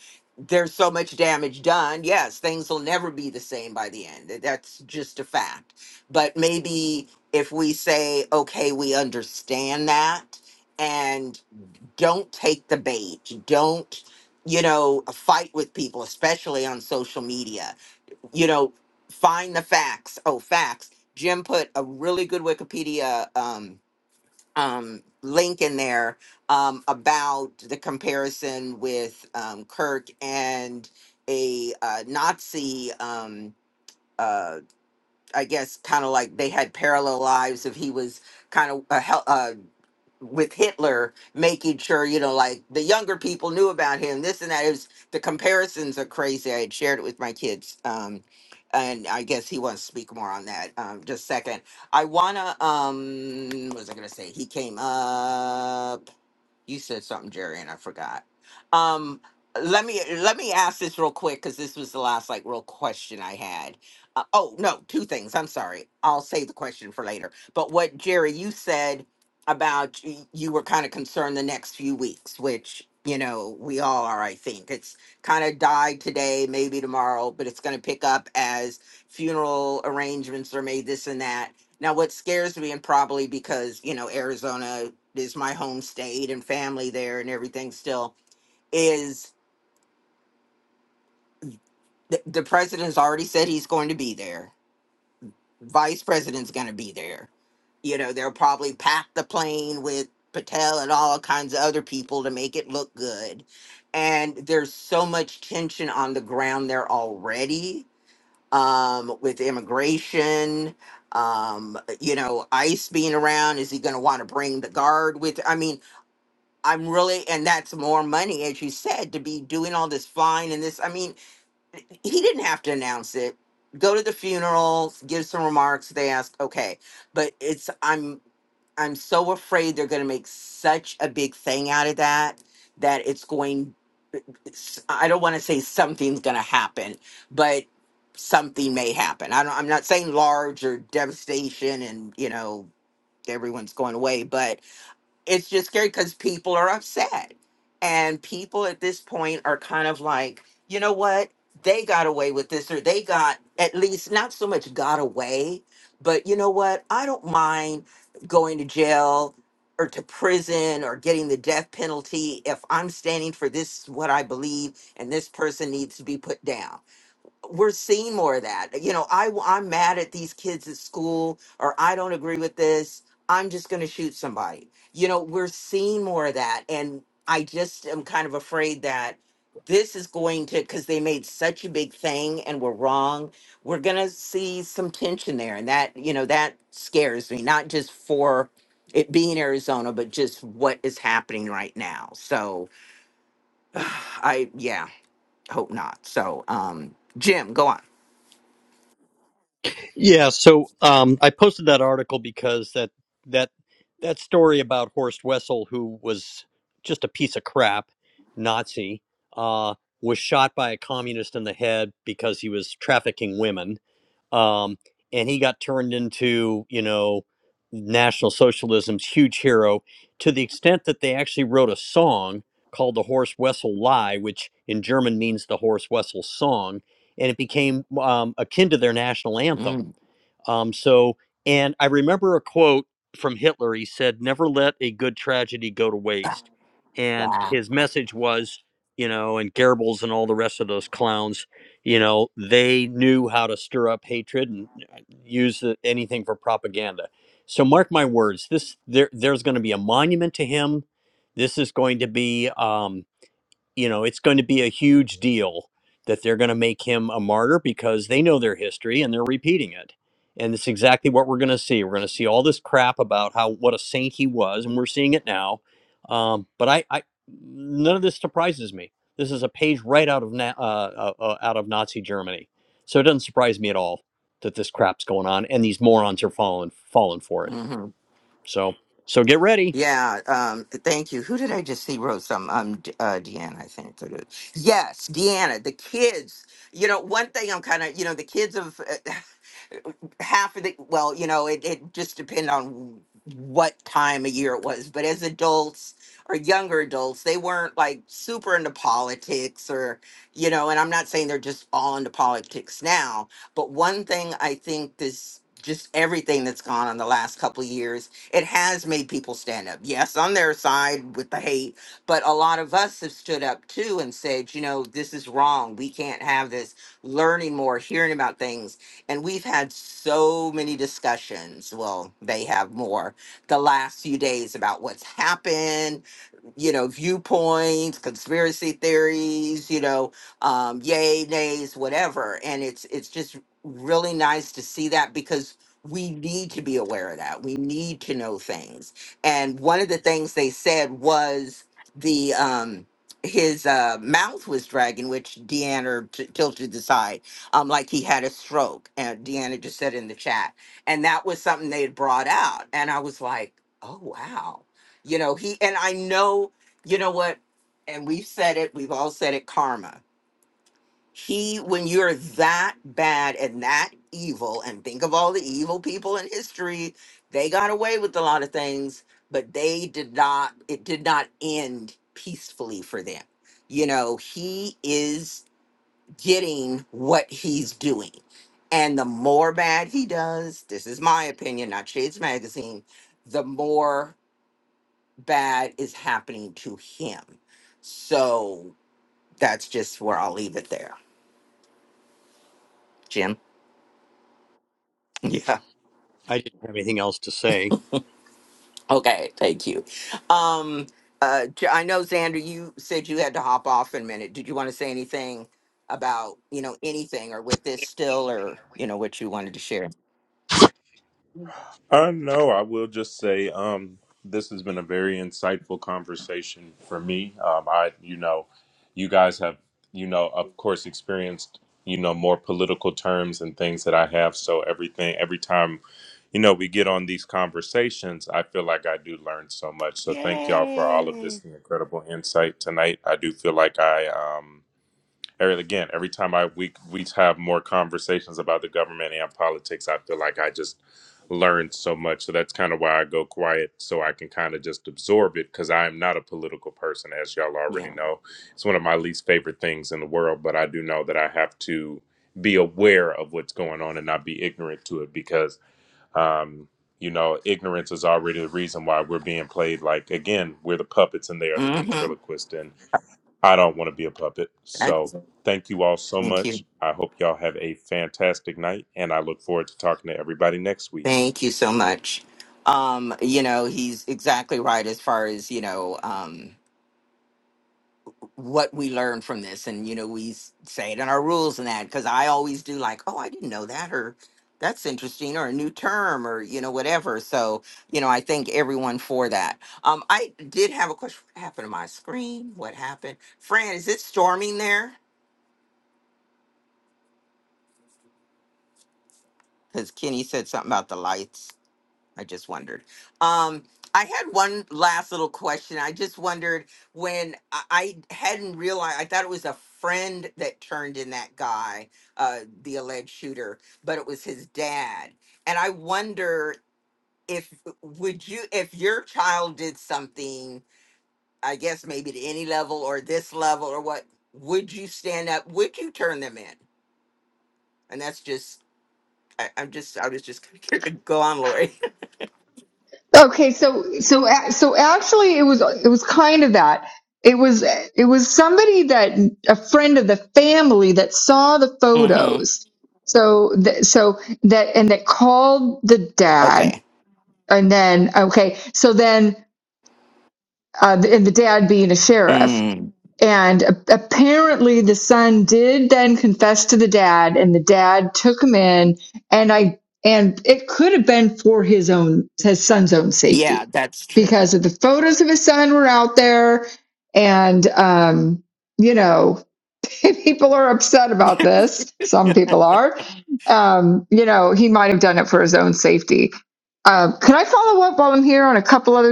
Speaker 1: there's so much damage done yes things will never be the same by the end Th- that's just a fact but maybe if we say okay we understand that and don't take the bait don't you know fight with people especially on social media you know find the facts oh facts jim put a really good wikipedia um, um, link in there um, about the comparison with um, Kirk and a uh, Nazi. Um, uh, I guess kind of like they had parallel lives. If he was kind of a hel- uh, with Hitler making sure, you know, like the younger people knew about him, this and that. It was the comparisons are crazy. I had shared it with my kids. Um, and I guess he wants to speak more on that. Um, just a second. I wanna um what was I gonna say? He came up. You said something, Jerry, and I forgot. Um, let me let me ask this real quick because this was the last like real question I had. Uh, oh no, two things. I'm sorry. I'll save the question for later. But what Jerry you said about y- you were kind of concerned the next few weeks, which you know we all are. I think it's kind of died today, maybe tomorrow, but it's going to pick up as funeral arrangements are made, this and that. Now, what scares me, and probably because you know Arizona is my home state and family there and everything still is the, the president's already said he's going to be there vice president's going to be there you know they'll probably pack the plane with patel and all kinds of other people to make it look good and there's so much tension on the ground there already um, with immigration um, you know ice being around is he going to want to bring the guard with i mean I'm really, and that's more money, as you said, to be doing all this fine and this. I mean, he didn't have to announce it. Go to the funeral, give some remarks. They ask, okay, but it's I'm I'm so afraid they're going to make such a big thing out of that that it's going. it's- I don't want to say something's going to happen, but something may happen. I don't, I'm not saying large or devastation, and you know everyone's going away, but it's just scary because people are upset. And people at this point are kind of like, you know what? They got away with this, or they got at least not so much got away, but you know what? I don't mind going to jail or to prison or getting the death penalty if I'm standing for this, what I believe, and this person needs to be put down we're seeing more of that. You know, I I'm mad at these kids at school, or I don't agree with this. I'm just going to shoot somebody. You know, we're seeing more of that, and I just am kind of afraid that this is going to because they made such a big thing and we're wrong. We're going to see some tension there, and that you know that scares me. Not just for it being Arizona, but just what is happening right now. So I yeah, hope not. So um, Jim, go on.
Speaker 4: Yeah, so um, I posted that article because that that that story about Horst Wessel, who was just a piece of crap Nazi, uh, was shot by a communist in the head because he was trafficking women, um, and he got turned into you know National Socialism's huge hero to the extent that they actually wrote a song called the Horst Wessel Lie, which in German means the Horst Wessel Song, and it became um, akin to their national anthem um, so, and I remember a quote from Hitler. He said, "Never let a good tragedy go to waste." And his message was, you know, and Goebbels and all the rest of those clowns, you know, they knew how to stir up hatred and uh, use the, anything for propaganda. So, mark my words, this there, there's going to be a monument to him. This is going to be. Um, you know, it's going to be a huge deal that they're going to make him a martyr because they know their history and they're repeating it. And it's exactly what we're going to see. We're going to see all this crap about how what a saint he was, and we're seeing it now. Um, but I, I, none of this surprises me. This is a page right out of na- uh, uh, uh, out of Nazi Germany, so it doesn't surprise me at all that this crap's going on and these morons are falling falling for it.
Speaker 1: hmm
Speaker 4: So so get ready.
Speaker 1: Yeah. Um, thank you. Who did I just see wrote some? Um, D- uh, Deanna, I think. it is. Yes, Deanna. The kids. You know, one thing I'm kind of, you know, the kids of uh, half of the, well, you know, it, it just depend on what time of year it was. But as adults or younger adults, they weren't like super into politics or, you know, and I'm not saying they're just all into politics now, but one thing I think this, just everything that's gone on the last couple of years it has made people stand up. Yes, on their side with the hate, but a lot of us have stood up too and said, you know, this is wrong. We can't have this. Learning more, hearing about things. And we've had so many discussions. Well, they have more the last few days about what's happened you know, viewpoints, conspiracy theories, you know, um, yay, nays, whatever. And it's it's just really nice to see that because we need to be aware of that. We need to know things. And one of the things they said was the um his uh mouth was dragging, which Deanna or t- tilted aside, um, like he had a stroke. And Deanna just said in the chat. And that was something they had brought out. And I was like, oh wow you know, he and I know, you know what, and we've said it, we've all said it, karma. He, when you're that bad and that evil, and think of all the evil people in history, they got away with a lot of things, but they did not, it did not end peacefully for them. You know, he is getting what he's doing. And the more bad he does, this is my opinion, not Shades Magazine, the more bad is happening to him. So that's just where I'll leave it there, Jim. Yeah.
Speaker 4: I didn't have anything else to say.
Speaker 1: Okay. Thank you. Um, uh, J- I know Xander, you said you had to hop off in a minute. Did you want to say anything about you know anything or with this still or you know what you wanted to share?
Speaker 3: Uh, no, I will just say um, this has been a very insightful conversation for me. Um, I, you know, you guys have, you know, of course, experienced, you know, more political terms and things that I have. So everything, every time, you know, we get on these conversations, I feel like I do learn so much. So thank y'all for all of this
Speaker 1: Yay!
Speaker 3: incredible insight tonight. I do feel like I, um, Eric, again, every time I we we have more conversations about the government and politics, I feel like I just learned so much. So that's kind of why I go quiet, so I can kind of just absorb it, because I am not a political person, as y'all already
Speaker 1: Yeah.
Speaker 3: know. It's one of my least favorite things in the world, but I do know that I have to be aware of what's going on and not be ignorant to it, because um, you know, ignorance is already the reason why we're being played. Like again, we're the puppets and they are the
Speaker 1: Mm-hmm.
Speaker 3: ventriloquist and. I don't want to be a puppet.
Speaker 1: That's,
Speaker 3: So thank you all so
Speaker 1: thank you.
Speaker 3: much. I hope y'all have a fantastic night, and I look forward to talking to everybody next week.
Speaker 1: Thank you so much. Um, you know, he's exactly right as far as you know. Um, what we learn from this and you know we s- say it in our rules and that because i always do like oh i didn't know that or that's interesting or a new term or you know whatever so you know i thank everyone for that um i did have a question what happened to my screen what happened fran is it storming there because kenny said something about the lights I just wondered. Um, I had one last little question. I just wondered when I I hadn't realized, I thought it was a friend that turned in that guy, uh, the alleged shooter, but it was his dad. And I wonder if would you if your child did something, I guess maybe to any level or this level or what, would you stand up? Would you turn them in? And that's just I, I'm just I was just gonna go on, Lori.
Speaker 5: Okay, so so a- so actually, it was it was kind of that. It was it was somebody that a friend of the family that saw the
Speaker 1: hmm
Speaker 5: photos. So th- so that and that called the dad,
Speaker 1: Okay.
Speaker 5: and then okay, so then uh, the, and the dad being a sheriff, and a- apparently the son did then confess to the dad, and the dad took him in, and I and it could have been for his own his son's own
Speaker 1: Yeah, that's true.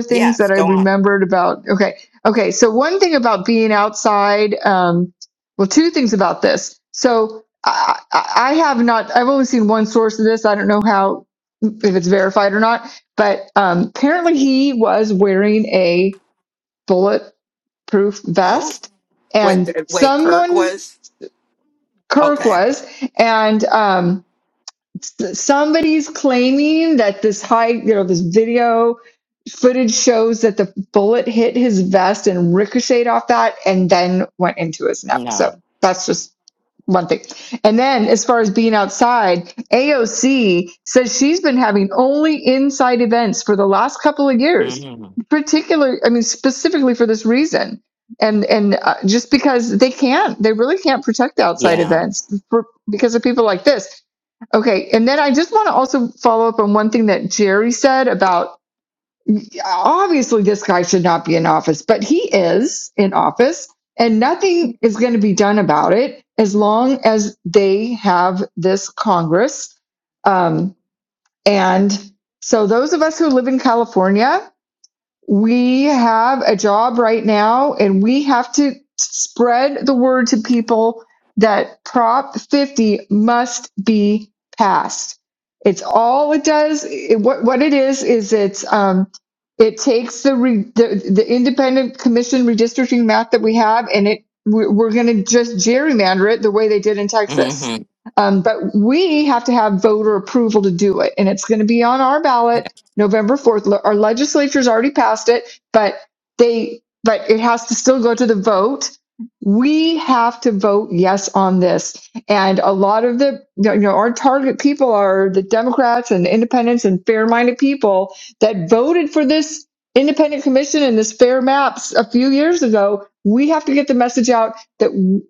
Speaker 1: Yes, go on.
Speaker 5: But um, apparently, he was wearing a bulletproof
Speaker 1: Oh,
Speaker 5: vest,
Speaker 1: wait,
Speaker 5: and
Speaker 1: th- wait. Kirk was okay.
Speaker 5: and um, bullet hit his vest and ricocheted off that, and then
Speaker 1: No.
Speaker 5: that's just one thing. And then, as far as being outside, AOC says she's been having only inside events for the last couple of years, particularly, I mean, specifically for this reason. And and uh, just because they can't, they really can't protect outside events for, because of people like this Okay. And then I just want to also follow up on one thing that Jerry said about obviously this guy should not be in office, but he is in office and nothing is going to be done about it as long as they have this Congress. Um, and so those of us who live in California, we have a job right now and we have to spread the word to people that prop 50 must be passed it's all it does it, what, what it is is it's um, it takes the, re, the the independent commission redistricting map that we have and it we're, we're going to just gerrymander it the way they did in texas
Speaker 1: Mm-hmm.
Speaker 5: um, but we have to have voter approval to do it and it's going to be on our ballot November 4th. Le- Our legislature's already passed it, but they, but it has to still go to the vote. We have to vote yes on this. And a lot of the, you know, our target people are the Democrats and independents and fair minded people that voted for this independent commission and this fair maps a few years ago. We have to get the message out that w-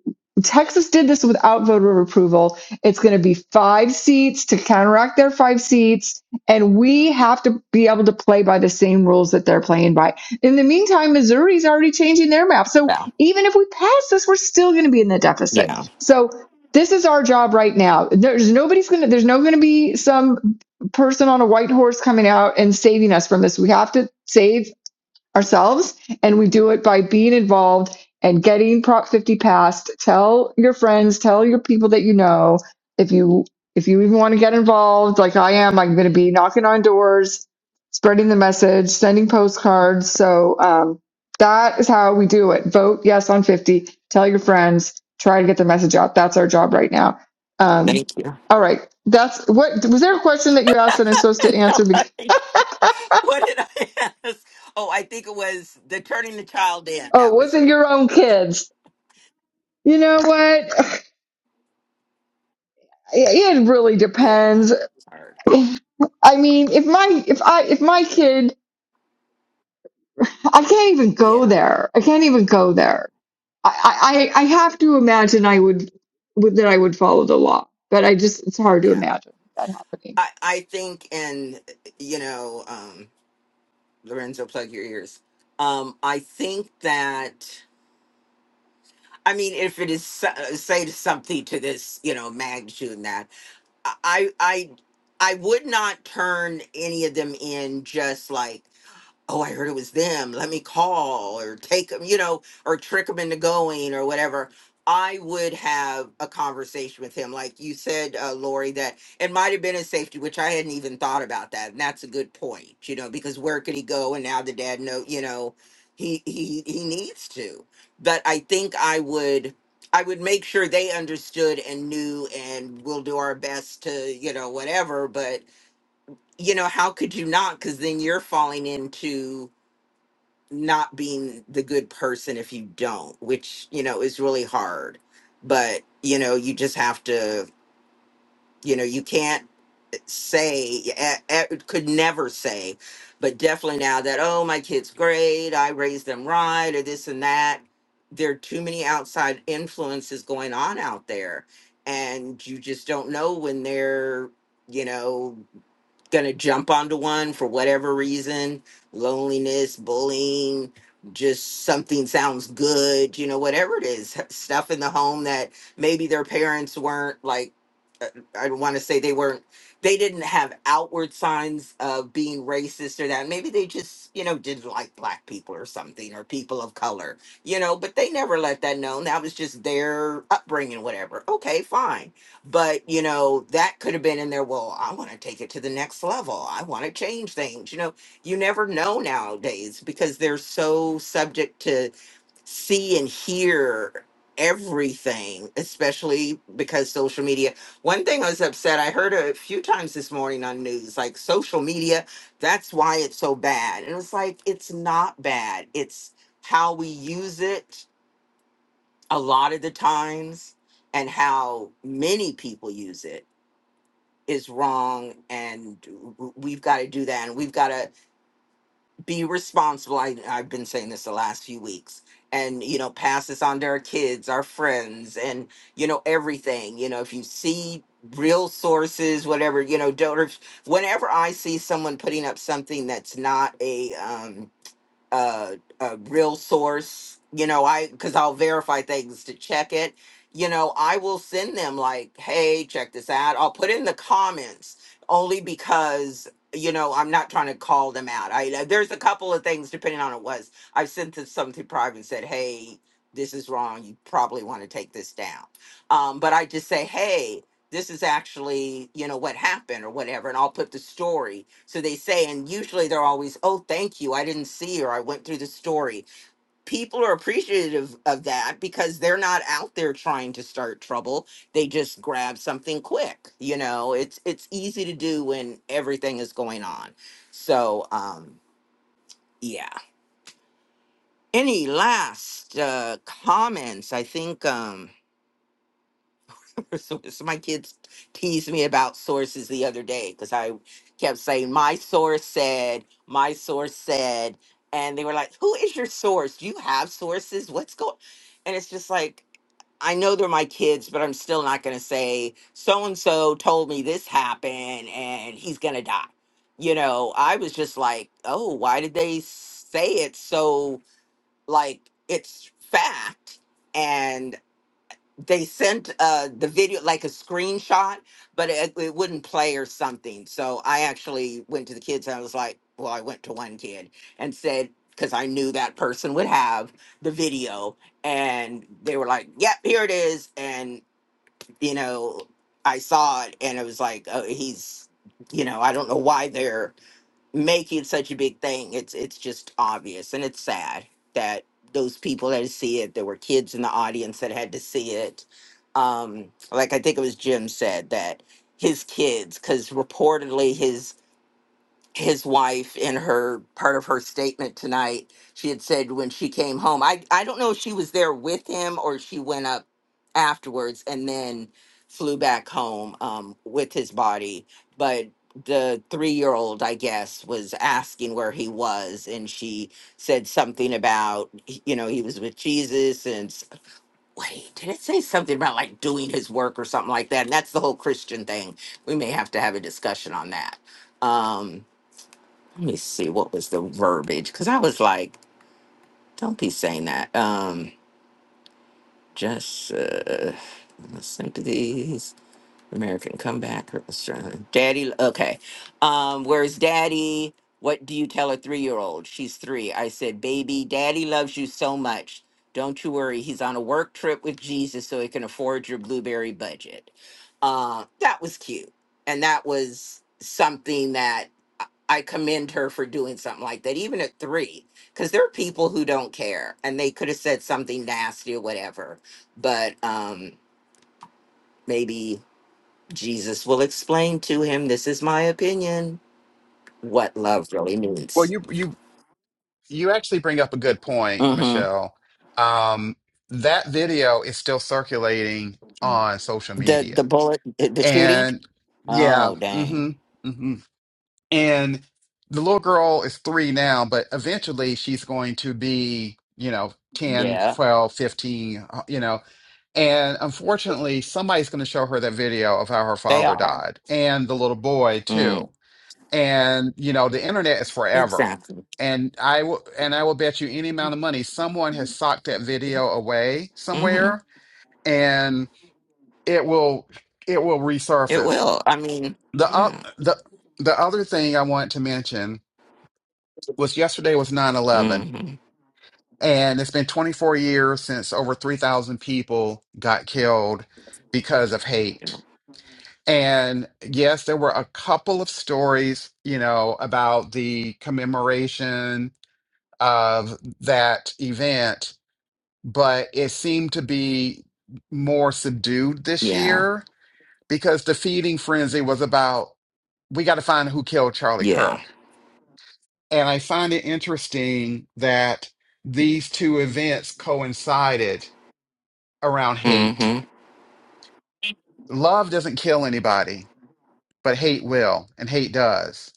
Speaker 5: Texas did this without voter approval. It's going to be five seats to counteract their five seats and we have to be able to play by the same rules that they're playing by. In the meantime, Missouri's already changing their map. So
Speaker 1: Yeah.
Speaker 5: even if we pass this, we're still going to be in the deficit.
Speaker 1: Yeah.
Speaker 5: So this is our job right now. There's nobody's going to, there's no going to be some person on a white horse coming out and saving us from this. We have to save ourselves and we do it by being involved and getting prop 50 passed tell your friends tell your people that you know if you if you even want to get involved like i am i'm going to be knocking on doors spreading the message sending postcards so um, that is how we do it vote yes on 50 tell your friends try to get the message out that's our job right now um,
Speaker 1: Thank you.
Speaker 5: all right that's what was there a question that you asked that i'm supposed to answer because,
Speaker 1: what did I ask? Oh, I think it was the turning the child in.
Speaker 5: oh
Speaker 1: That
Speaker 5: was
Speaker 1: was
Speaker 5: it
Speaker 1: it.
Speaker 5: your own kids You know what? It really
Speaker 1: Yeah.
Speaker 5: depends.
Speaker 1: It's hard.
Speaker 5: I mean, if my if I if my kid, I can't even go
Speaker 1: Yeah.
Speaker 5: there. I can't even go there. I I, I have to imagine I would- that I would follow the law, but I just it's hard to
Speaker 1: Yeah.
Speaker 5: imagine that happening.
Speaker 1: I I think, and you know, um, Lorenzo, plug your ears. Um, I think that. I mean, if it is so- say something to this, you know, magnitude, I I I would not turn any of them in just like oh, I heard it was them. Let me call or take them, you know, or trick them into going or whatever. I would have a conversation with him. Like you said, uh, Lori, that it might have been a safety, which I hadn't even thought about that. And that's a good point, you know, because where could he go? And now the dad know, you know, he he he needs to. But I think I would I would make sure they understood and knew and we'll do our best to, you know, whatever. But you know, how could you not? Because then you're falling into not being the good person if you don't, which, you know, is really hard. But, you know, you just have to, you know, you can't say, eh, eh, could never say, but definitely now that, oh, my kid's great, I raised them right, or this and that. There are too many outside influences going on out there. And you just don't know when they're, you know, gonna jump onto one for whatever reason loneliness bullying just something sounds good you know whatever it is stuff in the home that maybe their parents weren't like uh, i want to say they weren't they didn't have outward signs of being racist or that maybe they just you know didn't like black people or something or people of color you know but they never let that known that was just their upbringing whatever okay fine but you know that could have been in there well i want to take it to the next level i want to change things you know you never know nowadays because they're so subject to see and hear everything especially because social media one thing i was upset i heard a few times this morning on news like social media that's why it's so bad and it's like it's not bad it's how we use it a lot of the times and how many people use it is wrong and w- we've got to do that and we've got to be responsible I, i've been saying this the last few weeks and you know pass this on to our kids our friends and you know everything you know if you see real sources whatever you know don't whenever i see someone putting up something that's not a um uh, a real source, you know, I because I'll verify things to check it. You know, I will send them like, hey, check this out. I'll put in the comments only because you know I'm not trying to call them out. I uh, there's a couple of things depending on it was I've sent this something private and said, hey, this is wrong. You probably want to take this down. Um, but I just say, hey, this is actually you know what happened or whatever and i'll put the story so they say and usually they're always oh thank you i didn't see or i went through the story people are appreciative of that because they're not out there trying to start trouble they just grab something quick you know it's it's easy to do when everything is going on so um yeah any last uh comments i think Um, So, so my kids teased me about sources the other day because I kept saying, My source said, my source said. And they were like, Who is your source? Do you have sources? What's going And it's just like, I know they're my kids, but I'm still not going to say, So and so told me this happened and he's going to die. You know, I was just like, Oh, why did they say it so like it's fact? and they sent uh the video like a screenshot but it, it wouldn't play or something so i actually went to the kids and i was like well i went to one kid and said because i knew that person would have the video and they were like yep here it is and you know i saw it and it was like oh he's you know i don't know why they're make it such a big thing. It's it's just obvious and it's sad that those people that see it, there were kids in the audience that had to see it. Um, like I think it was Jim said that his kids, because reportedly his his wife in her part of her statement tonight she had said when she came home i i don't know if she was there with him or she went up afterwards and then flew back home um with his body but the 3-year-old i guess was asking where he was and she said something about you know he was with Jesus and s- wait did it say something about like doing his work or something like that and that's the whole christian thing we may have to have a discussion on that um let me see what was the verbiage because i was like don't be saying that um just uh my sympathies american comeback or something. daddy okay um where's daddy what do you tell a three-year-old she's three i said baby daddy loves you so much don't you worry he's on a work trip with jesus so he can afford your blueberry budget uh, that was cute. And that was something that I I commend her for doing something like that, even at three, because there are people who don't care and they could have said something nasty or whatever. But um, maybe Jesus will explain to him, this is my opinion, what love really
Speaker 2: Well,
Speaker 1: means.
Speaker 2: you you you actually bring up a good point,
Speaker 1: hmm
Speaker 2: Michelle. Um, that video is still circulating on social
Speaker 1: The the
Speaker 2: media,
Speaker 1: bullet, the the shooting.
Speaker 2: and yeah,
Speaker 1: Oh, dang.
Speaker 2: mm-hmm. mm-hmm. And the little girl is three now, but eventually she's going to be, you know, ten,
Speaker 1: Yeah,
Speaker 2: 12, 15, uh, you know. And unfortunately, somebody's going to show her that video of how her
Speaker 1: they
Speaker 2: father
Speaker 1: are.
Speaker 2: died and the little boy too.
Speaker 1: Mm.
Speaker 2: And, you know, the internet is forever.
Speaker 1: Exactly.
Speaker 2: And I will, and I will bet you any amount of money someone has socked that video away
Speaker 1: hmm
Speaker 2: somewhere and it will, it will
Speaker 1: It
Speaker 2: resurface.
Speaker 1: will. I mean,
Speaker 2: The, up
Speaker 1: yeah.
Speaker 2: the, the other thing I want to mention was yesterday was nine eleven,
Speaker 1: Mm-hmm.
Speaker 2: and it's been 24 years since over 3,000 people got killed because of hate. And yes, there were a couple of stories, you know, about the commemoration of that event, but it seemed to be more subdued this
Speaker 1: Yeah.
Speaker 2: year because the feeding frenzy was about we got to find who killed Charlie
Speaker 1: Yeah.
Speaker 2: Kirk And I find it interesting that these two events coincided around hate.
Speaker 1: Mm-hmm.
Speaker 2: Love doesn't kill anybody, but hate will, and hate does.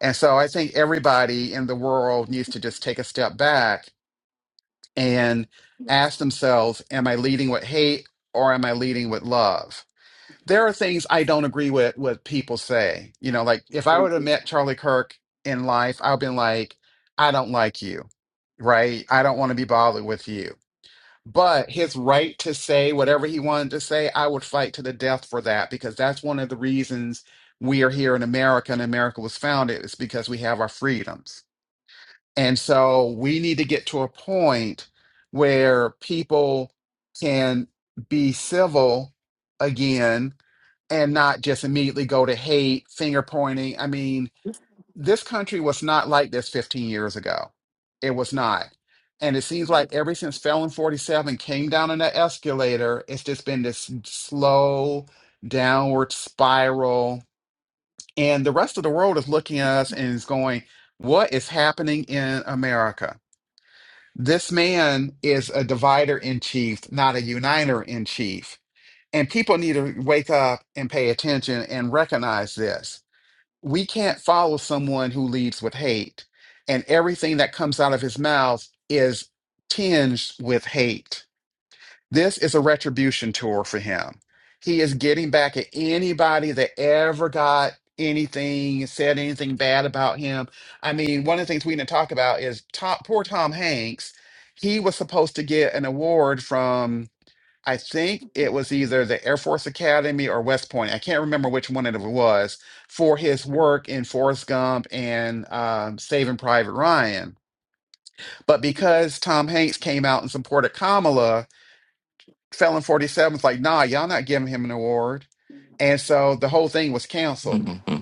Speaker 2: And so I think everybody in the world needs to just take a step back and ask themselves, am I leading with hate or am I leading with love? there are things I don't agree with what people say. You know, like if I would have met Charlie Kirk in life, I've been like, I don't like you, right? I don't want to be bothered with you. But his right to say whatever he wanted to say, I would fight to the death for that because that's one of the reasons we are here in America and America was founded is because we have our freedoms and so we need to get to a point where people can be civil again and not just immediately go to hate, finger pointing. I mean, this country was not like this 15 years ago. It was not. And it seems like ever since Felon 47 came down in that escalator, it's just been this slow downward spiral. And the rest of the world is looking at us and is going, What is happening in America? This man is a divider in chief, not a uniter in chief. And people need to wake up and pay attention and recognize this. We can't follow someone who leads with hate, and everything that comes out of his mouth is tinged with hate. This is a retribution tour for him. He is getting back at anybody that ever got anything, said anything bad about him. I mean, one of the things we didn't talk about is Tom, poor Tom Hanks. He was supposed to get an award from, I think it was either the Air Force Academy or West Point. I can't remember which one it was for his work in Forrest Gump and um, Saving Private Ryan. But because Tom Hanks came out and supported Kamala, Felon 47's like, nah, y'all not giving him an award. And so the whole thing was canceled.
Speaker 1: Mm-hmm.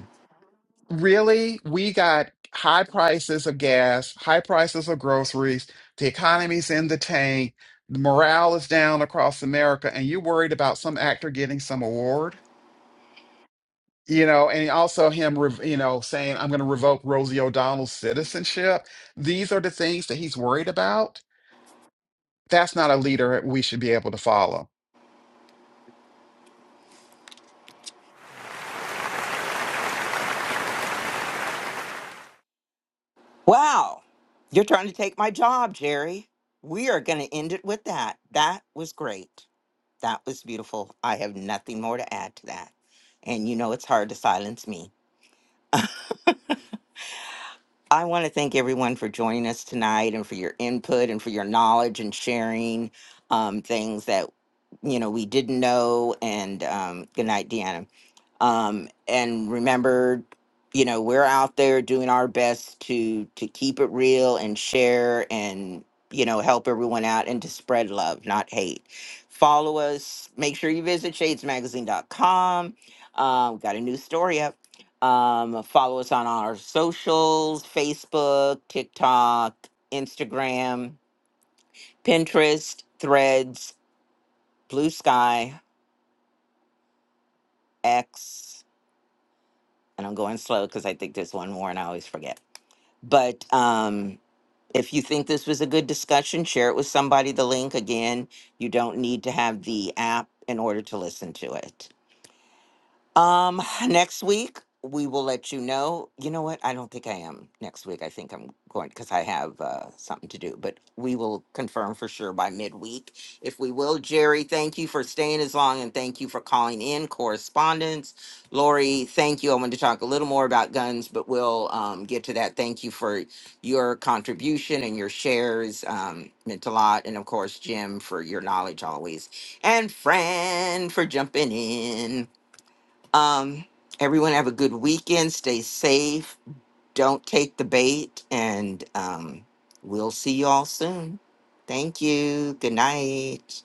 Speaker 2: Really, we got high prices of gas, high prices of groceries, the economy's in the tank, the morale is down across America, and you worried about some actor getting some award? You know, and also him, rev- you know, saying, I'm going to revoke Rosie O'Donnell's citizenship. These are the things that he's worried about. That's not a leader we should be able to follow.
Speaker 1: Wow. You're trying to take my job, Jerry. We are going to end it with that. That was great. That was beautiful. I have nothing more to add to that. And you know, it's hard to silence me. I want to thank everyone for joining us tonight and for your input and for your knowledge and sharing um, things that, you know, we didn't know. And um, good night, Deanna. um, and remember you know we're out there doing our best to to keep it real and share and you know help everyone out and to spread love not hate follow us make sure you visit shadesmagazine.com um, we've got a new story up um, follow us on our socials facebook tiktok instagram pinterest threads blue sky x and i'm going slow because i think there's one more and i always forget But um, if you think this was a good discussion, share it with somebody. The link again, you don't need to have the app in order to listen to it. Um, next week we will let you know. You know what? I don't think I am next week. I think I'm going because I have uh, something to do, but we will confirm for sure by midweek. If we will, Jerry, thank you for staying as long and thank you for calling in correspondence. Lori, thank you. I want to talk a little more about guns, but we'll um, get to that. Thank you for your contribution and your shares. Um, meant a lot. And of course, Jim, for your knowledge always and Fran for jumping in. Um, everyone have a good weekend. Stay safe. Don't take the bait. And um, we'll see you all soon. Thank you. Good night.